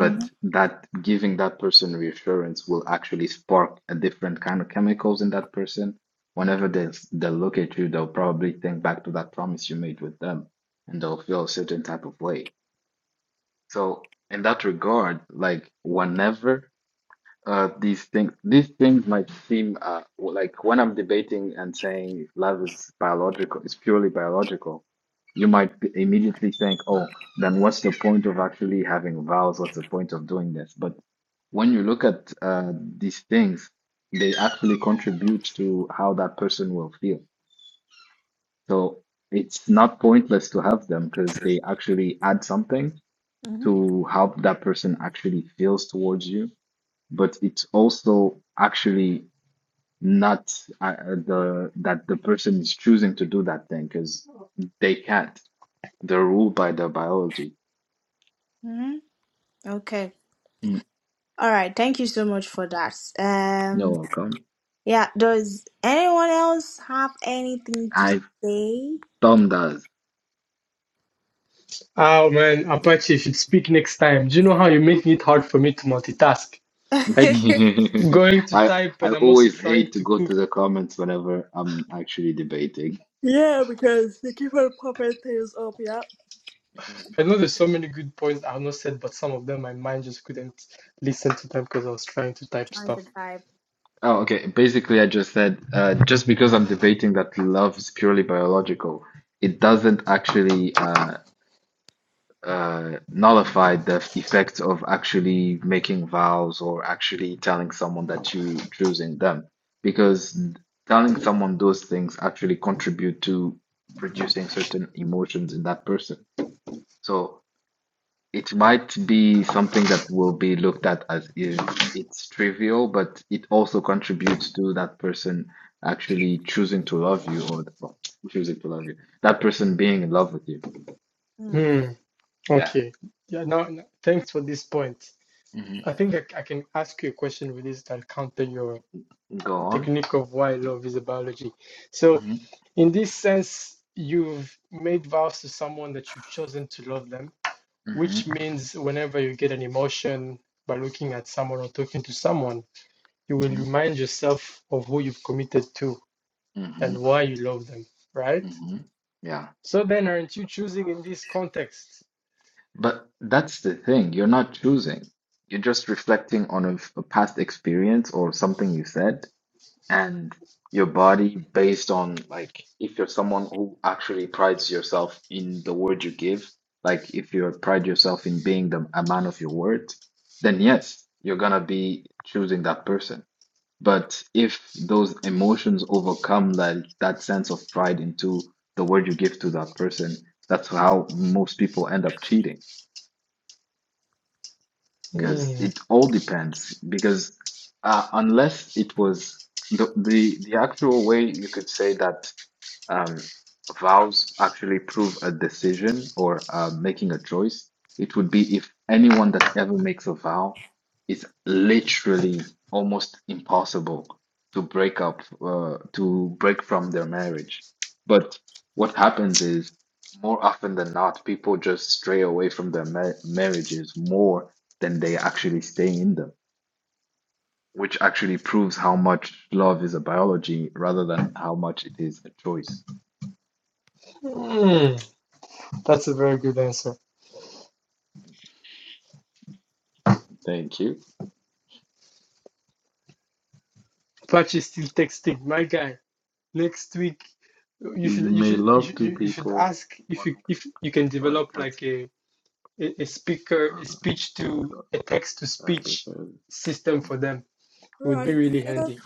E: Mm-hmm.
C: that giving that person reassurance will actually spark a different kind of chemicals in that person. Whenever they they look at you, they'll probably think back to that promise you made with them, and they'll feel a certain type of way. So in that regard, like whenever uh, these things, these things might seem uh, like when I'm debating and saying love is biological, it's purely biological. You might b- immediately think, "Oh, then what's the point of actually having vows? What's the point of doing this?" But when you look at uh, these things, they actually contribute to how that person will feel. So it's not pointless to have them because they actually add something
E: Mm-hmm.
C: to how that person actually feels towards you but it's also actually not uh, uh, the that the person is choosing to do that thing because they can't. They're ruled by their biology.
E: Mm-hmm. Okay.
C: Mm,
E: All right. Thank you so much for that.
C: You're
E: Um.
C: welcome.
E: Yeah. Does anyone else have anything to
C: I
E: say?
C: Tom does.
A: Oh man, Apache, you should speak next time. Do you know how you're making it hard for me to multitask? Like going to
C: I
A: type
C: I
A: and I'm also
C: always
A: trying
C: hate to
A: to
C: go to
A: cook.
C: the comments whenever I'm actually debating.
E: yeah, because they keep on popping things up. Yeah.
A: I know there's so many good points I've not said, but some of them my mind just couldn't listen to them because I was trying to type
E: Trying to
A: stuff.
E: type.
C: Oh, okay. Basically, I just said uh, just because I'm debating that love is purely biological, it doesn't actually. uh, uh, nullified the effects of actually making vows or actually telling someone that you choosing them because telling someone those things actually contribute to producing certain emotions in that person. So it might be something that will be looked at as is it's trivial, but it also contributes to that person actually choosing to love you or well, choosing to love you. That person being in love with you.
E: Mm.
A: Hmm.
C: Yeah.
A: Okay. Yeah. Now, now- thanks for this point.
C: hmm
A: I think I, I can ask you a question with this that counter your
C: Go on.
A: technique of why love is a biology. So, in this sense, you've made vows to someone that you've chosen to love them
C: hmm
A: which means whenever you get an emotion by looking at someone or talking to someone, you will
C: hmm
A: remind yourself of who you've committed to
C: hmm
A: and why you love them, right?
C: hmm Yeah.
A: So then, aren't you choosing in this context?
C: But that's the thing. You're not choosing. You're just reflecting on a, a past experience or something you said, and your body, based on like if you're someone who actually prides yourself in the word you give, like if you pride yourself in being the a man of your words, then yes, you're gonna be choosing that person. But if those emotions overcome that that sense of pride into the word you give to that person, that's how most people end up cheating. Because
A: Hmm.
C: it all depends. Because uh, unless it was the the the actual way you could say that um, vows actually prove a decision or uh, making a choice, it would be if anyone that ever makes a vow, it's literally almost impossible to break up, uh, to break from their marriage. But what happens is more often than not, people just stray away from their ma marriages more than they actually stay in them, which actually proves how much love is a biology rather than how much it is a choice.
A: Hmm. That's a very good answer.
C: Thank you.
A: Patch is still texting, my guy. Next week, you
C: You
A: should you
C: may
A: should you
C: love
A: should,
C: two
A: you should
C: people,
A: ask if
C: One,
A: you if you can
C: oh, it
A: develop like
C: doesn't
A: a a a speaker a speech to
C: matter,
A: a text to
C: uh,
A: speech
C: because
A: system for them. It would be
E: Right.
A: really
E: Uh,
A: handy.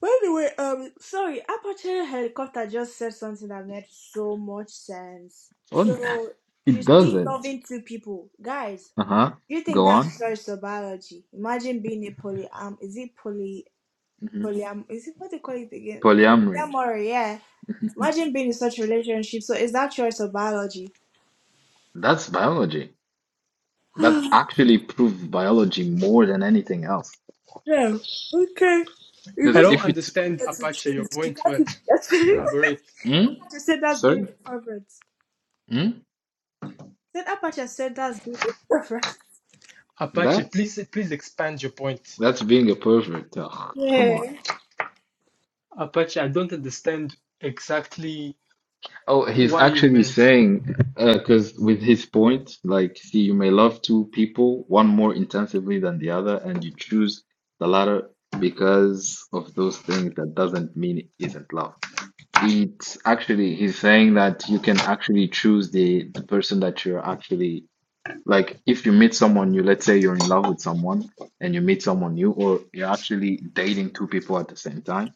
E: by the way, um, sorry, Apache Helicopter just said something that made so much sense.
C: oh,
E: So you
C: it
E: see,
C: doesn't.
E: loving two people, guys.
C: Uh-huh.
E: You think
C: Go
E: that's
C: on.
E: choice of biology? Imagine being a poly um, is it poly
C: hmm
E: polyam? Is it what they call it again?
C: Polyamory.
E: Polyamory, yeah. Imagine being in such a relationship. So is that choice of biology?
C: That's biology. That actually proves biology more than anything else.
E: yeah. Okay. You
A: I
C: Because
E: basically
A: don't
C: if it,
E: you can't even
A: understand
E: get to
A: Apache. Your
E: choose. You
A: point
E: can't
A: well.
E: even get to. you
A: Elaborate.
C: hmm?
E: can say that's being
C: Sorry,
E: a favorite.
C: hmm?
E: Said Apache said that's being the prophet.
A: Apache,
C: That
A: please please expand your point.
C: that's being a pervert. Ugh, come on.
E: Yeah.
A: Apache, I don't understand exactly
C: Oh, he's
A: why you
C: actually
A: meant.
C: saying, uh, because with his point, like, see, you may love two people, one more intensively than the other, and you choose the latter because of those things. That doesn't mean it isn't love. It's actually, he's saying that you can actually choose the the person that you're actually like. If you meet someone new, let's say you're in love with someone, and you meet someone new, or you're actually dating two people at the same time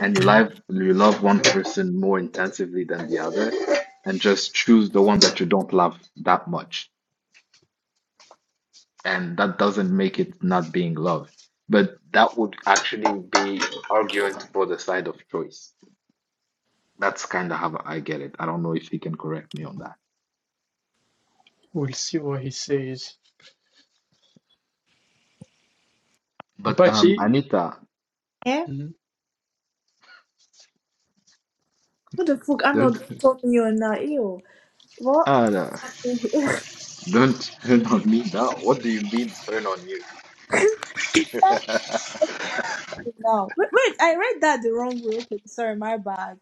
C: and you
A: Mhm.
C: love you love one person more intensively than the other and just choose the one that you don't love that much and that doesn't make it not being love but that would actually be arguing for the side of choice that's kind of how i get it i don't know if you can correct me on that
A: We'll see what he says.
C: but um
A: Apache.
C: anita
E: Yeah?
A: Mhm.
E: Who the fuck? I'm
C: don't
E: not do to call me on now. Ew. What
C: uh, no,
E: happened here?
C: don't turn on me now what do you mean turn on you oh
E: now. Wait, wait, I read that the wrong way. Okay, sorry, my bad.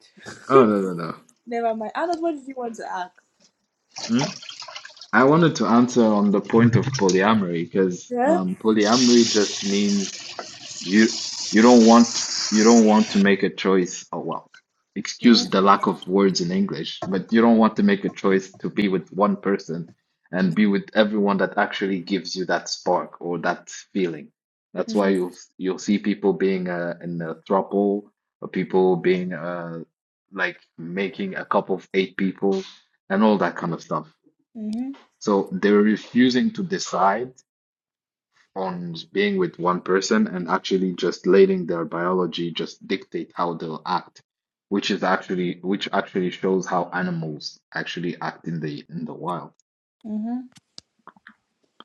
C: no no no
E: Never mind. Arnold, what did you want to ask?
C: Hmm? I wanted to answer on the point of polyamory because
E: Yeah?
C: um, polyamory just means you you don't want you don't want to make a choice. Oh well, excuse
E: Mm-hmm.
C: the lack of words in English, but you don't want to make a choice to be with one person and be with everyone that actually gives you that spark or that feeling. That's why you'll you'll see people being uh, in a throuple or people being uh, like making a couple of eight people and all that kind of stuff.
E: Mm-hmm.
C: So they're refusing to decide on being with one person and actually just letting their biology just dictate how they'll act, which is actually which actually shows how animals actually act in the in the wild.
E: Mm-hmm.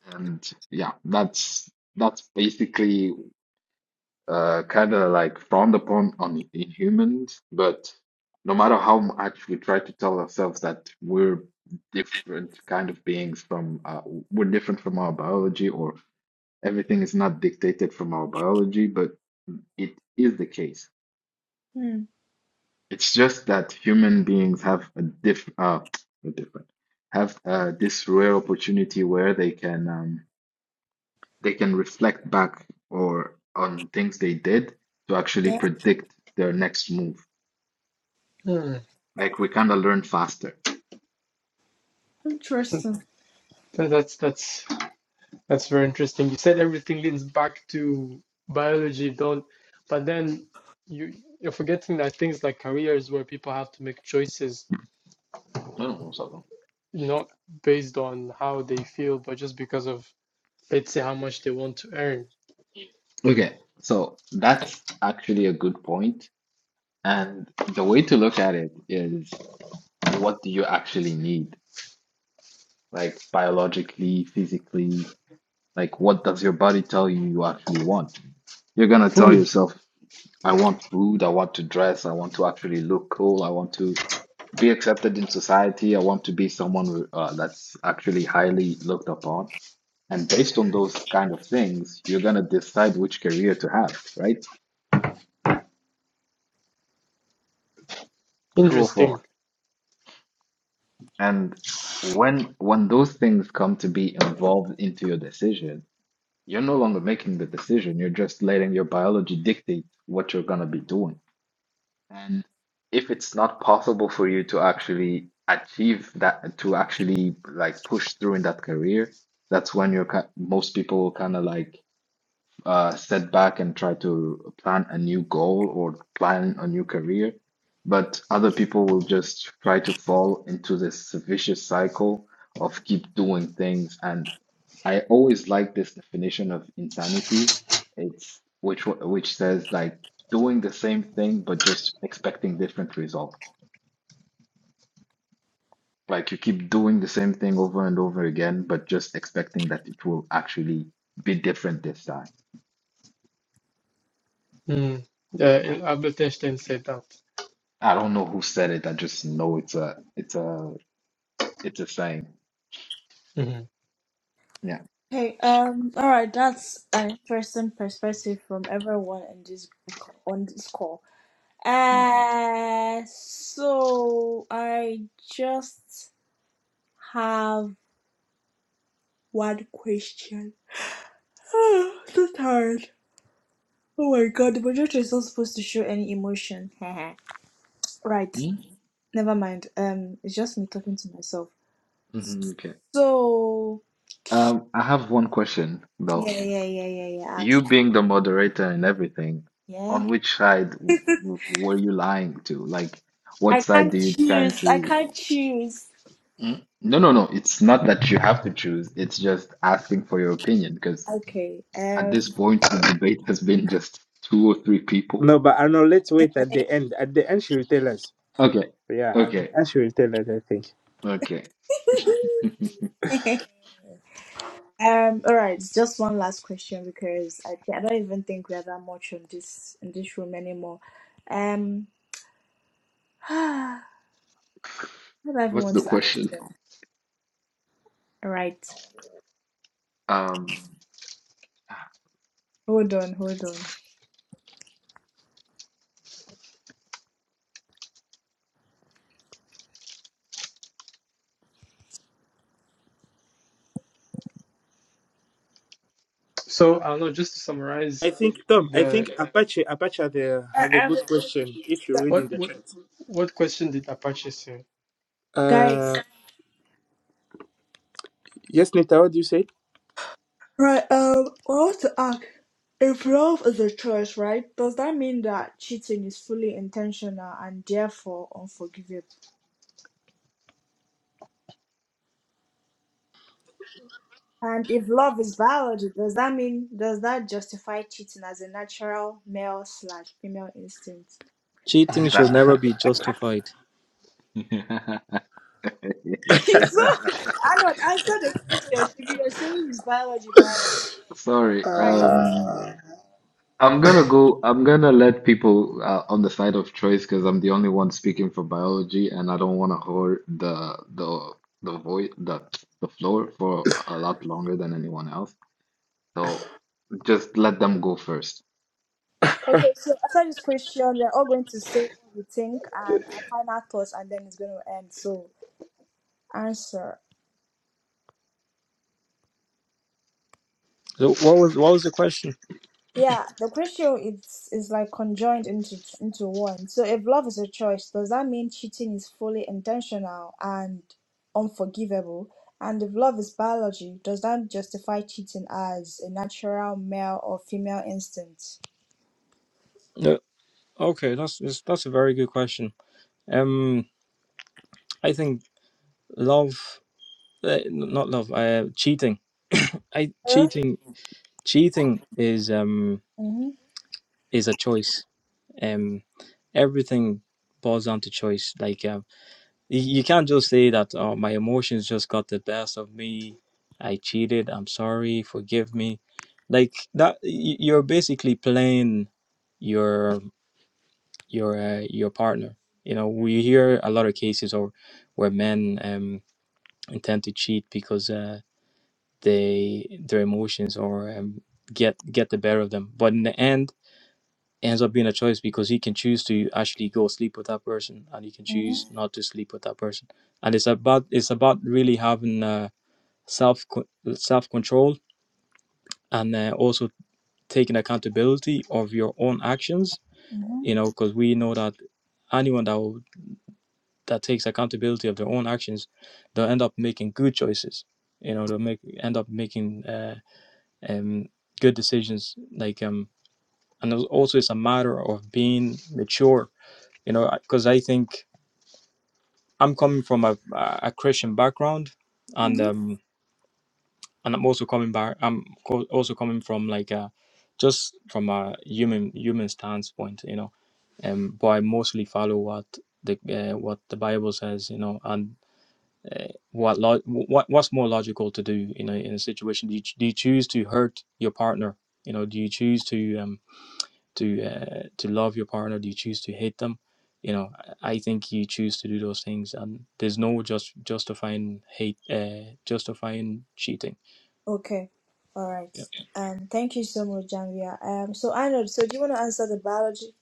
C: And yeah, that's that's basically uh kind of like frowned upon on in humans, but no matter how much we try to tell ourselves that we're different kind of beings from uh, we're different from our biology or Everything is not dictated from our biology, but it is the case.
E: Mm.
C: It's just that human beings have a diff uh not different have uh, this rare opportunity where they can um, they can reflect back or on things they did to actually
E: Yeah.
C: predict their next move.
A: Hmm.
C: Like we kind of learn faster.
E: Interesting.
A: That's that's that's very interesting. You said everything leads back to biology, don't? But then you you're forgetting that things like careers, where people have to make choices,
C: I don't know, Sabo.
A: not based on how they feel, but just because of Let's see how much they want to earn.
C: Okay, so that's actually a good point. And the way to look at it is what do you actually need? like biologically, physically, like what does your body tell you you actually want? You're gonna tell
A: Food,
C: yourself, I want food, I want to dress, I want to actually look cool, I want to be accepted in society, I want to be someone uh, that's actually highly looked upon. And based on those kind of things, you're gonna decide which career to have, right? True or
A: interesting.
C: false. And when when those things come to be involved into your decision, You're no longer making the decision. You're just letting your biology dictate what you're going to be doing. And if it's not possible for you to actually achieve that, to actually like push through in that career, that's when you're ki- most people kind of like uh, sit back and try to plan a new goal or plan a new career. But other people will just try to fall into this vicious cycle of keep doing things. And I always like this definition of insanity. It's which wa- which says like doing the same thing but just expecting different results. Like you keep doing the same thing over and over again, but just expecting that it will actually be different this time.
A: Mm. Uh,
C: Yeah.
A: and Albert Einstein said that.
C: I don't know who said it. I just know it's a it's a it's a saying.
A: Mhm.
C: Yeah.
E: Okay, um, alright, that's an interesting perspective from everyone in this on this call.
C: hmm
E: Uh, so I just have one question. so tired. Oh my god, the projector is not supposed to show any emotion. right, never mind. Um, it's just me talking to myself.
C: hmm Okay.
E: So
C: Um, I have one question
E: yeah,
C: though.
E: yeah, yeah, yeah, yeah. Ask.
C: You being the moderator and everything,
E: Yeah,
C: on which side w w were you lying to? Like, what
E: I
C: side do
E: can't
C: you tend
E: choose. I
C: to?
E: can't choose.
C: Mm? No, no, no. It's not that you have to choose. It's just asking for your opinion because
E: Okay.
C: at this point the debate has been just two or three people.
G: No, but I know. Let's wait at the end. At the end, she will tell us.
C: Okay.
G: Yeah, at the
C: Okay.
G: end she will tell us. I think.
C: Okay.
E: Um. Um, all right, just one last question because I, I don't even think we are that much on this in this room anymore. Um, I don't even
C: What's
E: want
C: the
E: to ask
C: question?
E: them. All right,
C: Um,
E: hold on, hold on,
A: So I don't know. Just to
G: I
A: summarize,
G: think Tom. I think
A: the
G: Apache Apache had a
E: I,
G: had a
E: am
G: good question. If
E: so-
G: you read in
A: what
G: the
A: what
G: chat.
A: what question did Apache say,
G: Uh,
E: guys.
G: yes, Nita. What do you say?
E: Right, um, I want to ask if love is a choice, right? Does that mean that cheating is fully intentional and therefore unforgivable? And if love is biology, does that mean does that justify cheating as a natural male slash female instinct?
B: cheating
C: that
B: should never be justified
E: so, I not answer the question. She be you're saying it's biology, biology.
C: Sorry.
E: Right.
C: Um, I'm gonna go. I'm gonna let people uh, on the side of choice because I'm the only one speaking for biology, and I don't want to hold the the the void the the floor for a lot longer than anyone else. So just let them go first.
E: Okay, so after this question, we're all going to say what we think and our final thoughts, and then it's going to end. So, answer.
B: so what was what was the question
E: Yeah, the question is is like conjoined into into one. So, if love is a choice, does that mean cheating is fully intentional and unforgivable? And if love is biology, does that justify cheating as a natural male or female instinct?
B: No, Okay, that's that's that's a very good question. Um, I think love, uh, not love, uh, cheating. I
E: huh.
B: cheating, cheating is um
E: Mm-hmm.
B: is a choice. Um, everything boils down to choice. Like um, you, you can't just say that oh my emotions just got the best of me. I cheated. I'm sorry. Forgive me. Like that, y- you're basically playing your your uh, your partner. You know, we hear a lot of cases or where men um, intend to cheat because uh, they their emotions or um, get get the better of them. But in the end, it ends up being a choice because he can choose to actually go sleep with that person, and he can choose not to sleep with that person. And it's about it's about really having uh, self self control and uh, also taking accountability of your own actions.
E: Mm-hmm.
B: You know, because we know that anyone that will that takes accountability of their own actions, they'll end up making good choices. You know, they'll make end up making uh, um, good decisions. Like um, and also it's a matter of being mature. You know, because I think I'm coming from a, a Christian background, and
E: Mm-hmm.
B: um, and I'm also coming back. I'm co- also coming from like a, just from a human human standpoint. You know, um, but I mostly follow what the uh, what the Bible says. You know, and Uh, what, lo- what what's more logical to do in a in a situation? Do you, do you choose to hurt your partner? You know, do you choose to um to uh, to love your partner? Do you choose to hate them? You know, I think you choose to do those things, and there's no just justifying hate, uh, justifying cheating.
E: Okay. All right.
B: Yeah.
E: Um, thank you so much, Janvia. Um, so Arnold. So do you want to answer the biology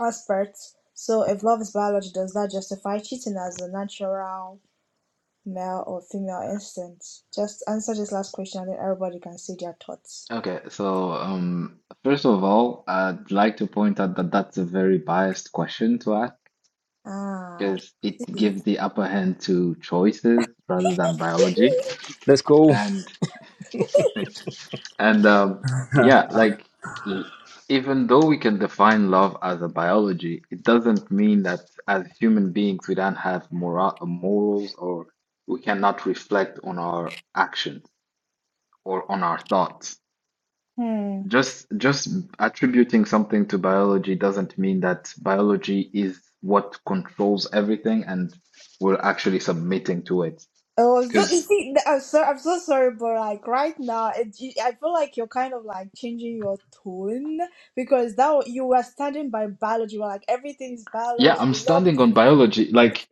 E: aspect? So if love is biology, does that justify cheating as a natural male or female instinct? Just answer this last question, and then everybody can see their thoughts.
C: Okay. So um, first of all, I'd like to point out that that's a very biased question to ask.
E: Ah.
C: because it
E: See.
C: gives the upper hand to choices rather than biology.
B: Let's go.
C: And and um,
G: uh,
C: yeah, like l- even though we can define love as a biology, it doesn't mean that as human beings we don't have moral morals or we cannot reflect on our actions or on our thoughts.
E: Hmm.
C: Just just attributing something to biology doesn't mean that biology is what controls everything and we're actually submitting to it.
E: Oh, so, you see, th- I'm so I'm so sorry, but like right now, it, you, I feel like you're kind of like changing your tone because that wa- you were standing by biology. You were like everything's
C: Yeah,
E: biology,
C: I'm
E: we love
C: standing on
E: it.
C: biology. Like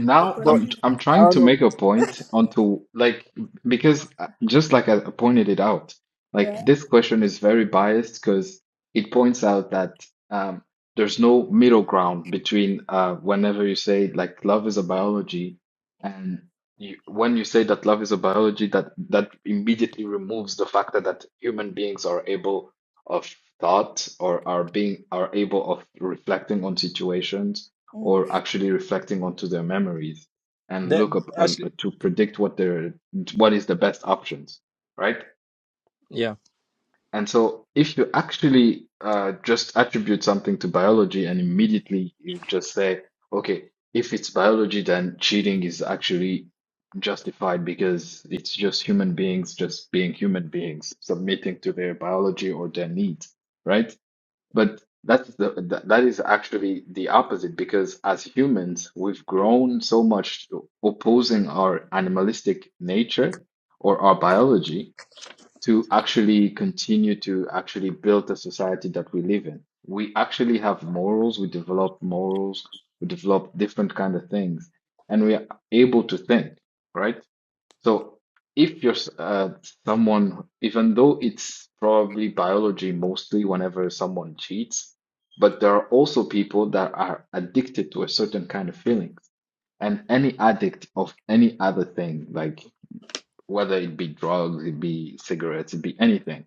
E: but
B: But
C: I'm
E: continue.
C: I'm trying to
B: Arnold,
C: make a point onto like because uh, just like I pointed it out,
E: Yeah.
C: like this question is very biased because it points out that um there's no middle ground between uh whenever you say like love is a biology and you, when you say that love is a biology that that immediately removes the fact that, that human beings are able of thought or are being are able of reflecting on situations
E: Mm.
C: or actually reflecting onto their memories and
B: That
C: look up uh,
B: actually,
C: to predict what their what is the best options right
B: yeah.
C: and so if you actually uh, just attribute something to biology and immediately you just say okay if it's biology then cheating is actually justified because it's just human beings just being human beings submitting to their biology or their needs right but that's the, th- that is actually the opposite because as humans, we've grown so much to opposing our animalistic nature or our biology to actually continue to actually build the society that we live in. We actually have morals, we develop morals, we develop different kind of things, and we are able to think, right? So if you're s- uh, someone, even though it's probably biology mostly whenever someone cheats, but there are also people that are addicted to a certain kind of feelings. And any addict of any other thing, like whether it be drugs, it be cigarettes, it be anything,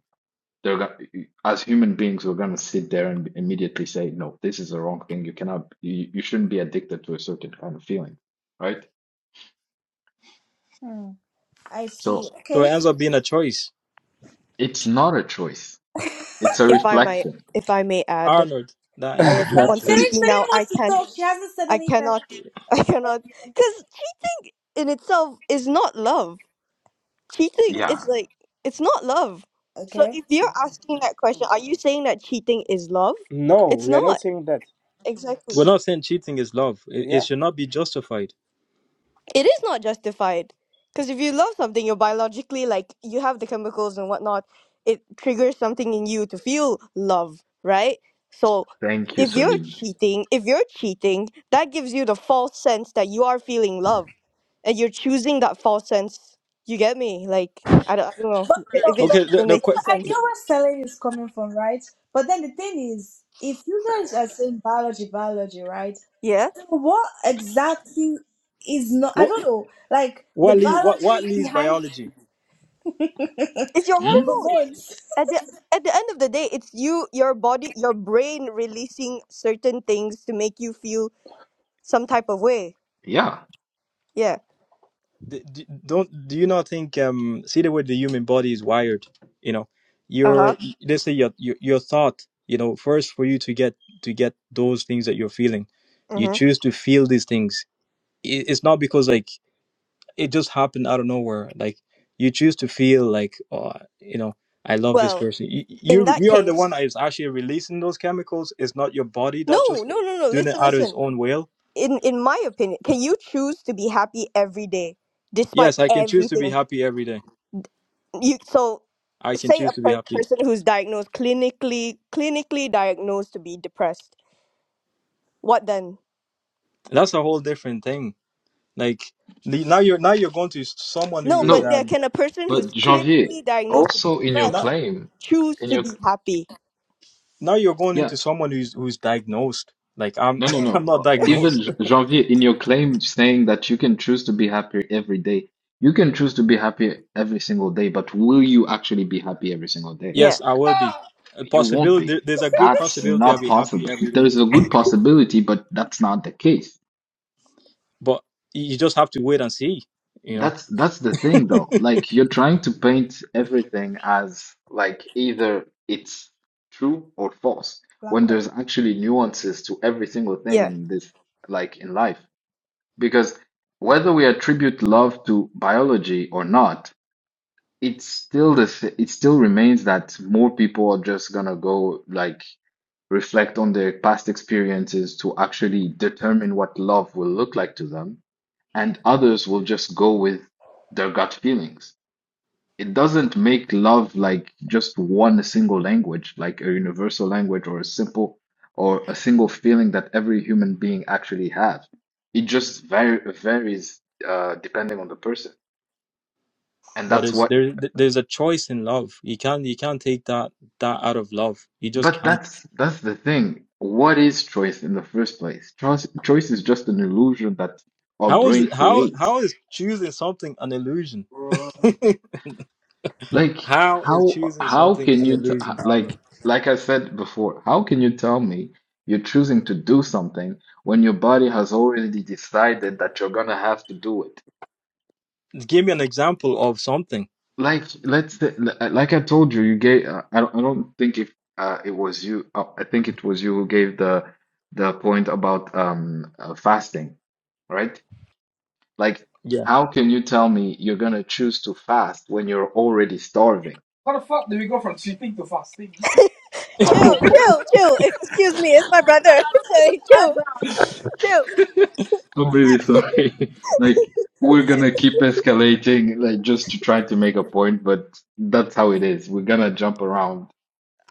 C: they're gonna, as human beings, we're gonna sit there and immediately say, no, this is the wrong thing. You cannot, you, you shouldn't be addicted to a certain kind of feeling, right?
E: Mm. I see.
C: So
B: So it
E: Okay.
B: ends up being a choice,
C: it's not a choice It's a
F: if I might,
C: reflection.
F: if I may add,
B: Arnold. That
F: I
B: ends
C: hmm
F: am
B: up being a
E: Uh,
F: on
C: Sel
E: Celine,
B: choice.
F: speaking now.
E: Celine
F: I
E: wants to
F: can't,
E: talk. She hasn't said
F: I
E: anything.
F: cannot, I cannot, because cheating in itself is not love. Cheating
C: yeah.
F: is like it's not love. So
E: Okay.
F: if you're asking that question, are you saying that cheating is love?
G: No,
F: It's
G: we are not
F: not
G: saying that.
F: exactly.
B: We're not saying cheating is love. It, it
G: Yeah.
B: should not be justified.
F: it is not justified because if you love something you're biologically like you have the chemicals and whatnot it triggers something in you to feel love right so
C: Thank you,
F: if you're
C: Celine.
F: cheating if you're cheating that gives you the false sense that you are feeling love and you're choosing that false sense you get me like i don't, I don't know
E: But but
F: if it's
E: but
B: Okay. The,
F: even
B: the,
F: making
E: I get
F: sense
E: where Celine is coming from, right? But then the thing is, if you guys are saying biology, biology, right?
F: yeah
E: So what exactly is not? I
B: What
E: don't know. Like the
B: what le what what
E: biology
B: leads
E: behind
B: biology?
F: it's your
C: Hmm?
E: the
F: hormones
E: hormones.
F: at the at the end of the day it's you your body your brain releasing certain things to make you feel some type of way.
C: Yeah.
F: Yeah.
B: D d don't do you not think um see the way the human body is wired? You know,
F: Uh huh.
B: your let's say your, your your thought. You know, first for you to get to get those things that you're feeling, you
F: Mm-hmm.
B: choose to feel these things. I- It's not because like it just happened out of nowhere. Like you choose to feel like oh you know I love this
F: Well,
B: person. You
F: in
B: you,
F: that
B: you are the
F: case,
B: one that is actually releasing those chemicals. It's not your body that's
F: no,
B: just
F: no, no, no.
B: doing it
F: Listen,
B: out of its
F: listen.
B: own will.
F: In in my opinion, can you choose to be happy every day despite
B: Yes, I can choose to be
F: everything?
B: happy every day
F: You so
B: I can
F: say
B: choose
F: a
B: to be
F: per-
B: happy.
F: person who's diagnosed clinically clinically diagnosed to be depressed. What then?
B: That's a whole different thing. Like the- now you're now you're going to s- someone
F: No,
B: who is
F: but
C: No,
F: yeah,
B: um
F: can a person who's
C: but Janvier,
F: clinically diagnosed to be
C: also in your
F: depressed
B: not,
C: claim,
F: choose
C: in
F: to
C: your
F: be happy?
B: now you're going
C: yeah,
B: into someone who's who's diagnosed. Like I'm
C: no, no,
B: I'm not
C: no. Even
B: diagnosed.
C: J- Janvier, in your claim saying that you can choose to be happier every day, you can choose to be happy every single day, but will you actually be happy every single day?
F: Yeah.
B: Yes, I will be. A
C: You won't
B: possibility
C: be.
B: there- there's a good
C: That's
B: possibility I'll
C: not
B: be happy
C: possible.
B: every day.
C: There's a good possibility, but that's not the case.
B: But you you just have to wait and see, you know.
C: That's that's the thing though. Like you're trying to paint everything as like either it's true or false
E: Black
C: when
E: hole.
C: there's actually nuances to every single thing
F: Yeah.
C: in this like in life. Because whether we attribute love to biology or not, it's still the s- it still remains that more people are just gonna go like reflect on their past experiences to actually determine what love will look like to them, and others will just go with their gut feelings. It doesn't make love like just one single language, like a universal language or a simple or a single feeling that every human being actually has. It just var varies uh, depending on the person. And
B: But
C: that's
B: it's
C: what
B: there th- there's a choice in love. You can't you can't take that that out of love. You just
C: But
B: can't.
C: that's that's the thing. What is choice in the first place? Choice choice is just an illusion that our
B: How is
C: brain
B: it how how
C: creates.
B: is choosing something an illusion?
C: Like
B: How is
C: how
B: choosing
C: how
B: something
C: can
B: an
C: you t
B: illusion, Aaron?
C: like like I said before, how can you tell me you're choosing to do something when your body has already decided that you're gonna have to do it?
B: Give me an example of something.
C: Like let's say, li- like I told you, you gave uh, I don't I don't think if uh, it was you uh, I think it was you who gave the the point about um uh, fasting, right? Like,
B: Yeah.
C: how can you tell me you're gonna choose to fast when you're already starving?
F: Chill, chill, chill. Excuse me, it's my brother.
E: What is
F: Sorry, chill,
E: the background?
F: chill.
C: I'm really sorry. Like, we're gonna keep escalating, like, just to try to make a point, but that's how it is. We're gonna jump around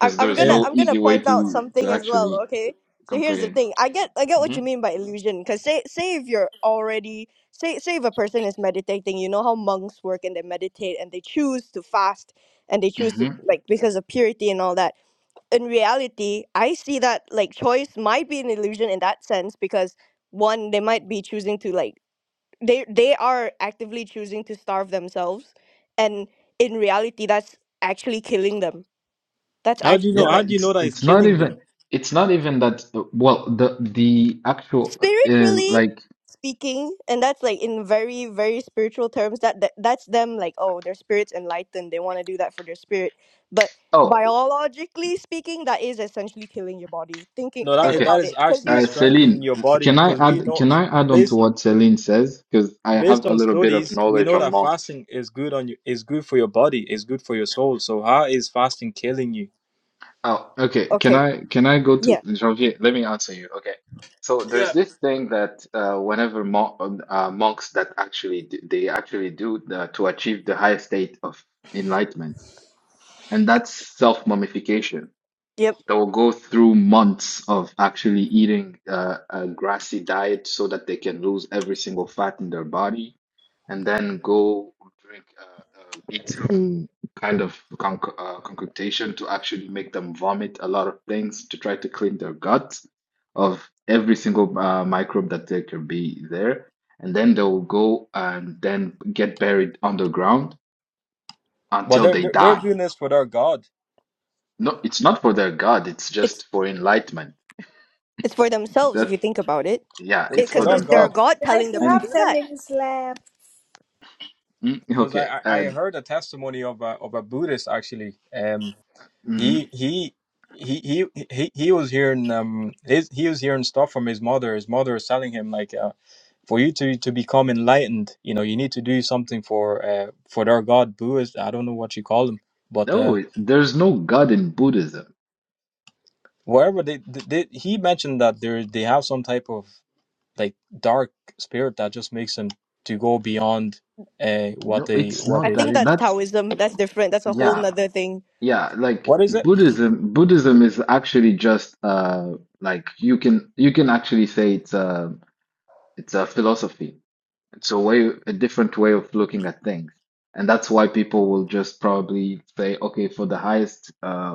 F: I, am I'm
C: there's
F: gonna
B: Um.
C: no
F: I'm gonna
C: easy way
F: point out
C: to to
F: something as well.
C: actually
F: Okay, so here's the
C: complain.
F: thing. I get I get what
C: hmm
F: you mean by illusion. Cause say say if you're already say say if a person is meditating, you know how monks work and they meditate and they choose to fast and they choose to
C: hmm
F: like because of purity and all that. In reality, I see that like choice might be an illusion in that sense because one they might be choosing to like they they are actively choosing to starve themselves, and in reality, that's actually killing them. That's
B: How do you
F: actually
B: know?
C: Yeah,
B: How
F: like
B: do you know
C: it's
B: that it's
C: it's not
B: killing them?
C: even it's not even that. Well, the the actual uh,
F: spiritually
C: like
F: speaking and that's like in very very spiritual terms that, that that's them like oh their spirit's enlightened they want to do that for their spirit but
C: oh
F: biologically speaking that is essentially killing your body thinking
B: No, that
F: think
B: is-
C: okay.
F: about
B: that is
F: it because
B: actually
F: you're
C: Uh,
B: strengthening
C: Celine,
B: your
C: uh,
B: body
C: can I
B: because we
C: add
B: know
C: can I add on to
B: based
C: what Celine says? Because I
B: based
C: have a
B: on
C: little bit of
B: studies we
C: knowledge
B: know
C: on
B: that
C: monks.
B: fasting is good on you is good for your body is good for your soul. So how is fasting killing you?
C: Oh, okay. Can
F: okay
C: I can I go to
F: yeah
C: Janvier? Let me answer you. Okay. So there's
B: Yeah.
C: this thing that uh, whenever mo uh, monks that actually d- they actually do the, to achieve the highest state of enlightenment, and that's self-mummification.
F: yep
C: they'll go through months of actually eating uh, a grassy diet so that they can lose every single fat in their body, and then go drink uh, uh, veto kind of conc uh, concoction to actually make them vomit a lot of things to try to clean their gut of every single uh, microbe that there can be there. And then they'll go and then get buried underground
B: Well,
C: until
B: they're
C: they
B: they're, they're
C: die.
B: doing this for their god.
C: No, it's not for their God, it's
F: it's
C: just for enlightenment.
F: it's for themselves if
C: That.
F: you think about it
C: Yeah,
B: It's
C: it's
B: for
C: for
F: because
B: their
F: it's their
B: god.
C: themselves.
F: god
E: Guys,
F: telling
E: we
F: them to
C: And
E: have
F: do
E: ten
F: that
E: minutes left.
C: mm,
B: Because
C: okay,
B: I, I I
C: and
B: heard a testimony of a of a Buddhist actually. Um.
C: mhm.
B: He he he he he he was hearing um his, he was hearing stuff from his mother. His mother was telling him like uh, for you to to become enlightened, you know, you need to do something for uh for their god Buddhist. I don't know what you call them, but uh
C: no, there's no God in Buddhism.
B: wherever they, they, they he mentioned that there they have some type of like dark spirit that just makes them to go beyond uh what
C: No,
B: they
C: it's
B: what
F: i
C: not
B: they
C: that.
F: think
B: do.
F: that's
C: That's
F: taoism that's different that's a whole
C: yeah,
F: nother thing
C: yeah. Like
B: What is it?
C: Buddhism, Buddhism is actually just uh, like you can you can actually say it's a it's a philosophy. It's a way a different way of looking at things, and that's why people will just probably say, okay, for the highest uh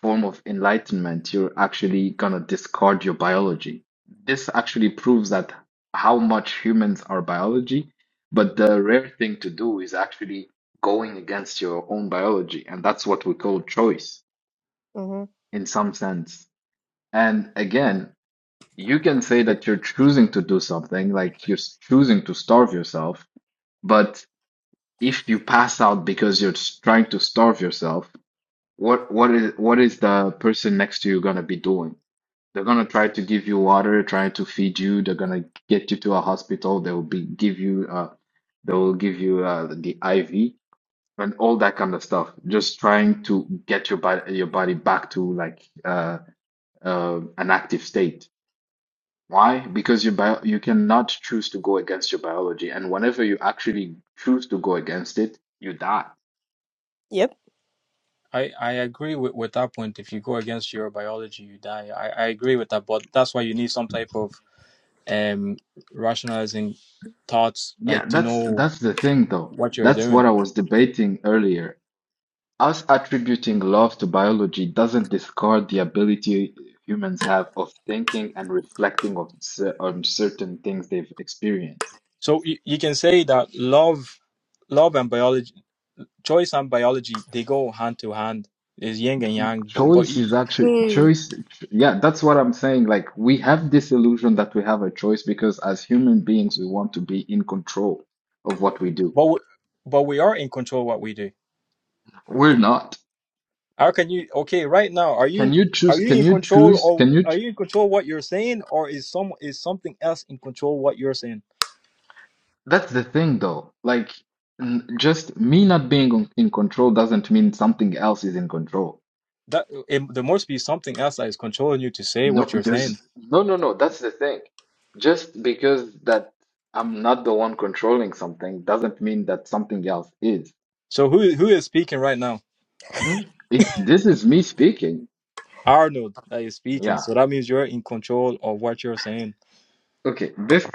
C: form of enlightenment, you're actually gonna discard your biology. This actually proves that how much humans are biology, but the rare thing to do is actually going against your own biology, and that's what we call choice
F: hmm
C: in some sense. And again, you can say that you're choosing to do something, like you're s- choosing to starve yourself, but if you pass out because you're s- trying to starve yourself, what what is what is the person next to you gonna be doing? They're gonna try to give you water, try to feed you. They're gonna get you to a hospital. They'll be give you uh, they'll give you uh, the IV and all that kind of stuff. Just trying to get your body your body back to like uh, uh, an active state. Why? Because your bio you cannot choose to go against your biology, and whenever you actually choose to go against it, you die.
F: yep
B: I, I agree with, with that point. If you go against your biology, you die. I, I agree with that, but that's why you need some type of um rationalizing thoughts,
C: Yeah,
B: like to
C: that's
B: know
C: that's the thing though.
B: what you're
C: That's what
B: doing.
C: I was debating earlier. Us attributing love to biology doesn't discard the ability humans have of thinking and reflecting of cer- on certain things they've experienced.
B: So you, you can say that love, love and biology, choice and biology, they go hand to hand. Is yin and yang, but but
C: Choice
B: you-
C: is actually
F: mm.
C: choice. Yeah, that's what I'm saying. Like we have this illusion that we have a choice because as human beings, we want to be in control of what we do.
B: but we- but we are in control what we do.
C: We're not.
B: How can you? Okay, right now, are you
C: Can you
B: are
C: choose?
B: you
C: Can
B: in
C: you
B: control
C: choose?
B: or
C: Can you?
B: are
C: Ch
B: you in control what you're saying, or is some is something else in control what you're saying?
C: that's the thing, though. Like n- just me not being on- in control doesn't mean something else is in control.
B: that it, there must be something else that is controlling you to say
C: No,
B: what you're saying.
C: there's no, no, no. That's the thing. Just because that I'm not the one controlling something doesn't mean that something else is.
B: So who who is speaking right now?
C: Hmm? It this is me speaking.
B: Arnold that is speaking.
C: Yeah.
B: So that means you're in control of what you're saying.
C: Okay. This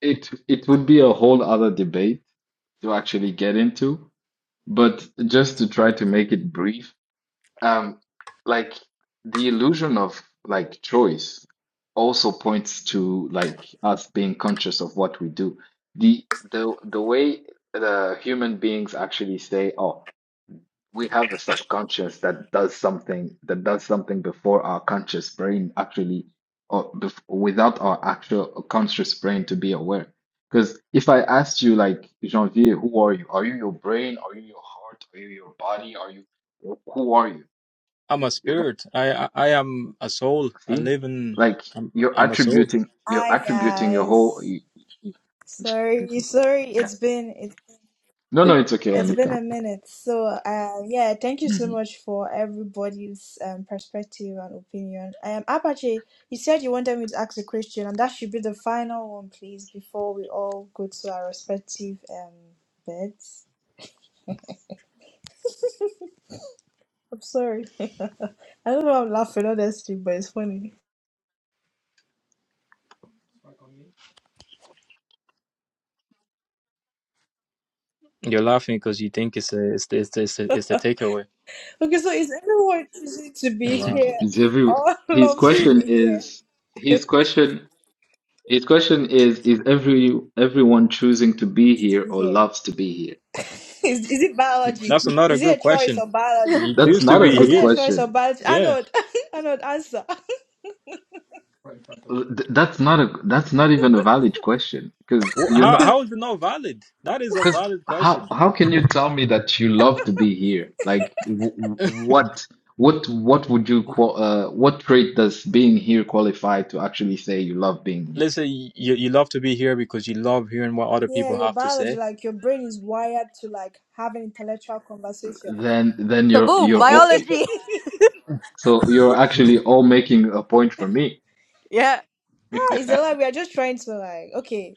C: it it would be a whole other debate to actually get into, but just to try to make it brief. Um, like the illusion of like choice also points to like us being conscious of what we do. The the the way the human beings actually say, "Oh, we have a subconscious that does something that does something before our conscious brain actually, or bef without our actual conscious brain to be aware." Because if I asked you, like, Janvier, who are you? Are you your brain? Are you your heart? Are you your body? Are you who are you?
B: I'm a spirit. I I, I am a soul. I
C: See,
B: live in.
C: like
B: I'm,
C: you're
B: I'm a soul.
C: attributing, you're
E: Hi
C: attributing your whole.
E: guys.
C: y- y- y-
E: Sorry, sorry.
C: Yeah.
E: It's been.
C: No, no, it's okay,
E: It's been
C: Anita.
E: a minute. So, uh, yeah, thank you so
C: Mhm.
E: much for everybody's um, perspective and opinion. Um, Apache, you said you wanted me to ask a question, and that should be the final one, please, before we all go to our respective um, beds. I'm sorry. I don't know why I'm laughing, honestly, but it's funny.
B: You're laughing because you think it's a, it's the, it's the, it's the, it's the takeaway.
E: Okay, so is everyone choosing to
B: Yeah,
E: be
B: Wow.
E: here?
C: It's every.
E: All
C: His
E: loves to
C: question
E: be here.
C: is his
E: to
C: question. His question is: Is every everyone choosing to be here
E: be
C: or
E: here.
C: loves to be here?
E: Is, is it biology?
B: That's another
E: Is
B: good
E: it a choice
B: question.
E: or biology?
B: You
C: That's
B: choose to
C: not a
B: be
E: Is
C: good
E: there a
B: here.
E: choice of
C: question.
E: biology?
B: Yeah.
E: Arnold, Arnold, answer.
C: Th- That's not a. That's not even a valid question because
B: Wh-
C: you're not.
B: How how is it not valid? That is a
C: Because
B: valid
C: how
B: question.
C: how can you tell me that you love to be here? Like w w- what what what would you qual uh, what trait does being here qualify to actually say you love being here?
B: Let's say you you love to be here because you love hearing what other
E: Yeah,
B: people
E: your
B: have to
E: biology,
B: say
E: like your brain is wired to like have an intellectual conversation.
C: Then then
F: so
C: you're
F: boom
E: ah,
C: you're all,
F: biology
C: so you're actually all making a point for me.
F: yeah
E: it's a lie. We are just trying to like, okay.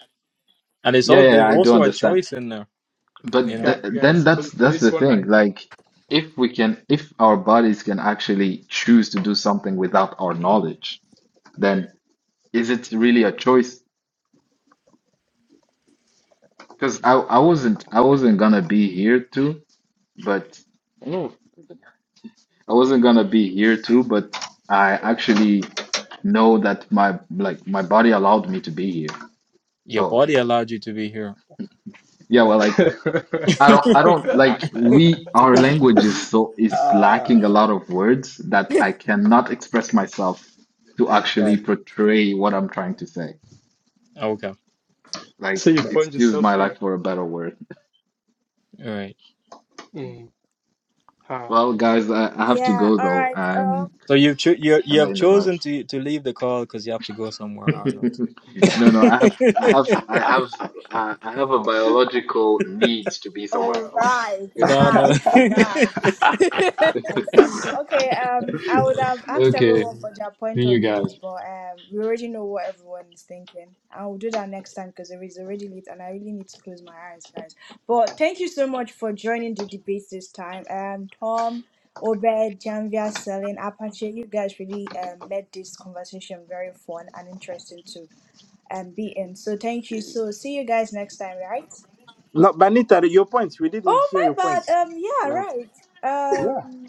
B: And it's
C: Yeah,
B: all,
C: yeah, yeah,
B: there's
C: I do
B: also a
C: understand.
B: choice in there. You
C: But
B: know,
C: th
A: Gu-
C: then
A: guys?
C: that's
A: For for
C: that's the
A: this one,
C: thing.
A: I
C: Like if we can if our bodies can actually choose to do something without our knowledge, then is it really a choice? Because I, I wasn't I wasn't gonna be here too, but Mm. I wasn't gonna be here too, but I actually know that my like my body allowed me to be here.
B: your
C: So
B: body allowed you to be here.
C: yeah, well like I don't I don't
B: Ah,
C: like we our language is so is lacking a
G: uh,
C: lot of words that I cannot express myself to actually
B: right.
C: portray what I'm trying to say.
B: Okay.
A: so
C: Like
A: you
B: Right.
A: found
C: excuse
A: yourself
C: my
A: here.
C: lack for a better word.
B: All right.
A: Mm. Ha.
C: Well guys, I, I have to
E: Yeah,
C: go
E: all
C: though.
E: right. Um,
C: I'm
B: So you've cho- you you
C: kinda
B: have
C: in a rush.
B: chosen to to leave the call because you have to go somewhere, Arnold.
C: No, no, I have, I have, I have, uh, I have a biological need to be somewhere
E: all
C: else.
E: right,
B: no, no.
E: right, right. I see. Okay, um, I would have asked
C: Okay,
E: everyone for their
C: see
E: point
C: you
E: of
C: guys.
E: views, but um, we already know what everyone is thinking. I will do that next time because it is already late and I really need to close my eyes, guys. But thank you so much for joining the debate this time. Um, Tom, Obed, Janvia, Selin, Apache, you guys really um, made this conversation very fun and interesting to um, be in. So thank you. So see you guys next time, right?
G: no, but your points. We didn't
E: Oh,
G: hear your
E: my bad.
G: points.
E: Um, yeah,
G: Like,
E: right.
G: yeah,
E: Um.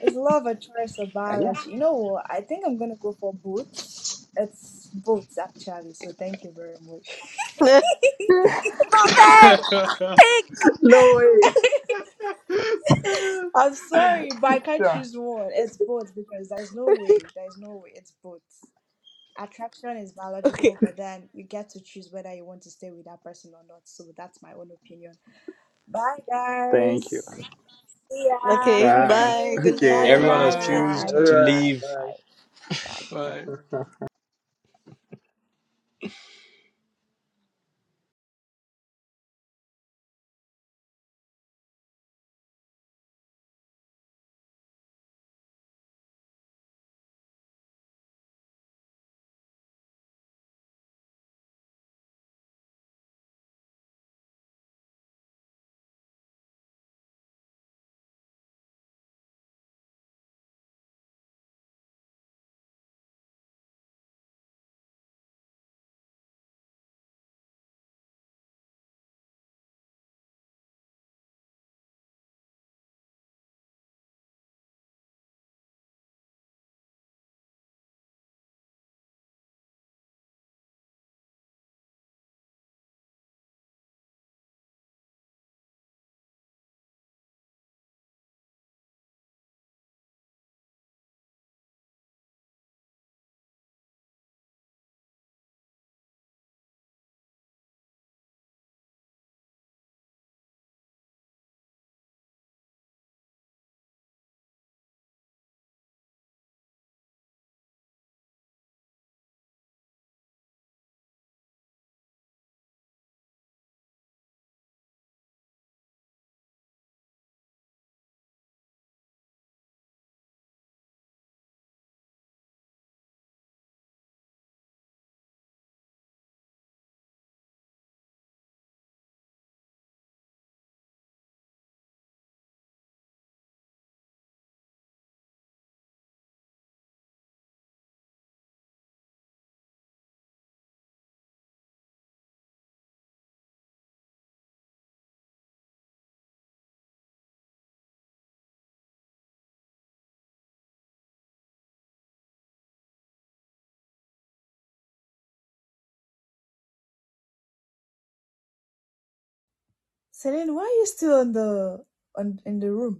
E: It's love and choice of
G: yeah.
E: biology. You know what? I think I'm gonna go for boots. It's boots actually, so thank you very much.
F: it's not fair pink.
E: I'm sorry, but I can't choose one. It's both because there's no way. There's no way it's both. Attraction is
F: Okay.
E: biological, but then you get to choose whether you want to stay with that person or not. So that's my own opinion. Bye,
G: Thank you.
E: guys. See ya.
F: Okay.
E: Thank
G: Bye.
F: Bye. Good
E: you. Bye.
G: Okay.
F: night.
E: Good
B: Everyone has
E: night.
A: Bye.
F: Bye.
B: chosen
A: Good
G: All
E: Bye.
B: to
A: night.
G: right.
E: Bye.
B: leave
G: Bye.
E: Bye. Bye.
A: Bye.
E: Celine, why are you still on the on in the room?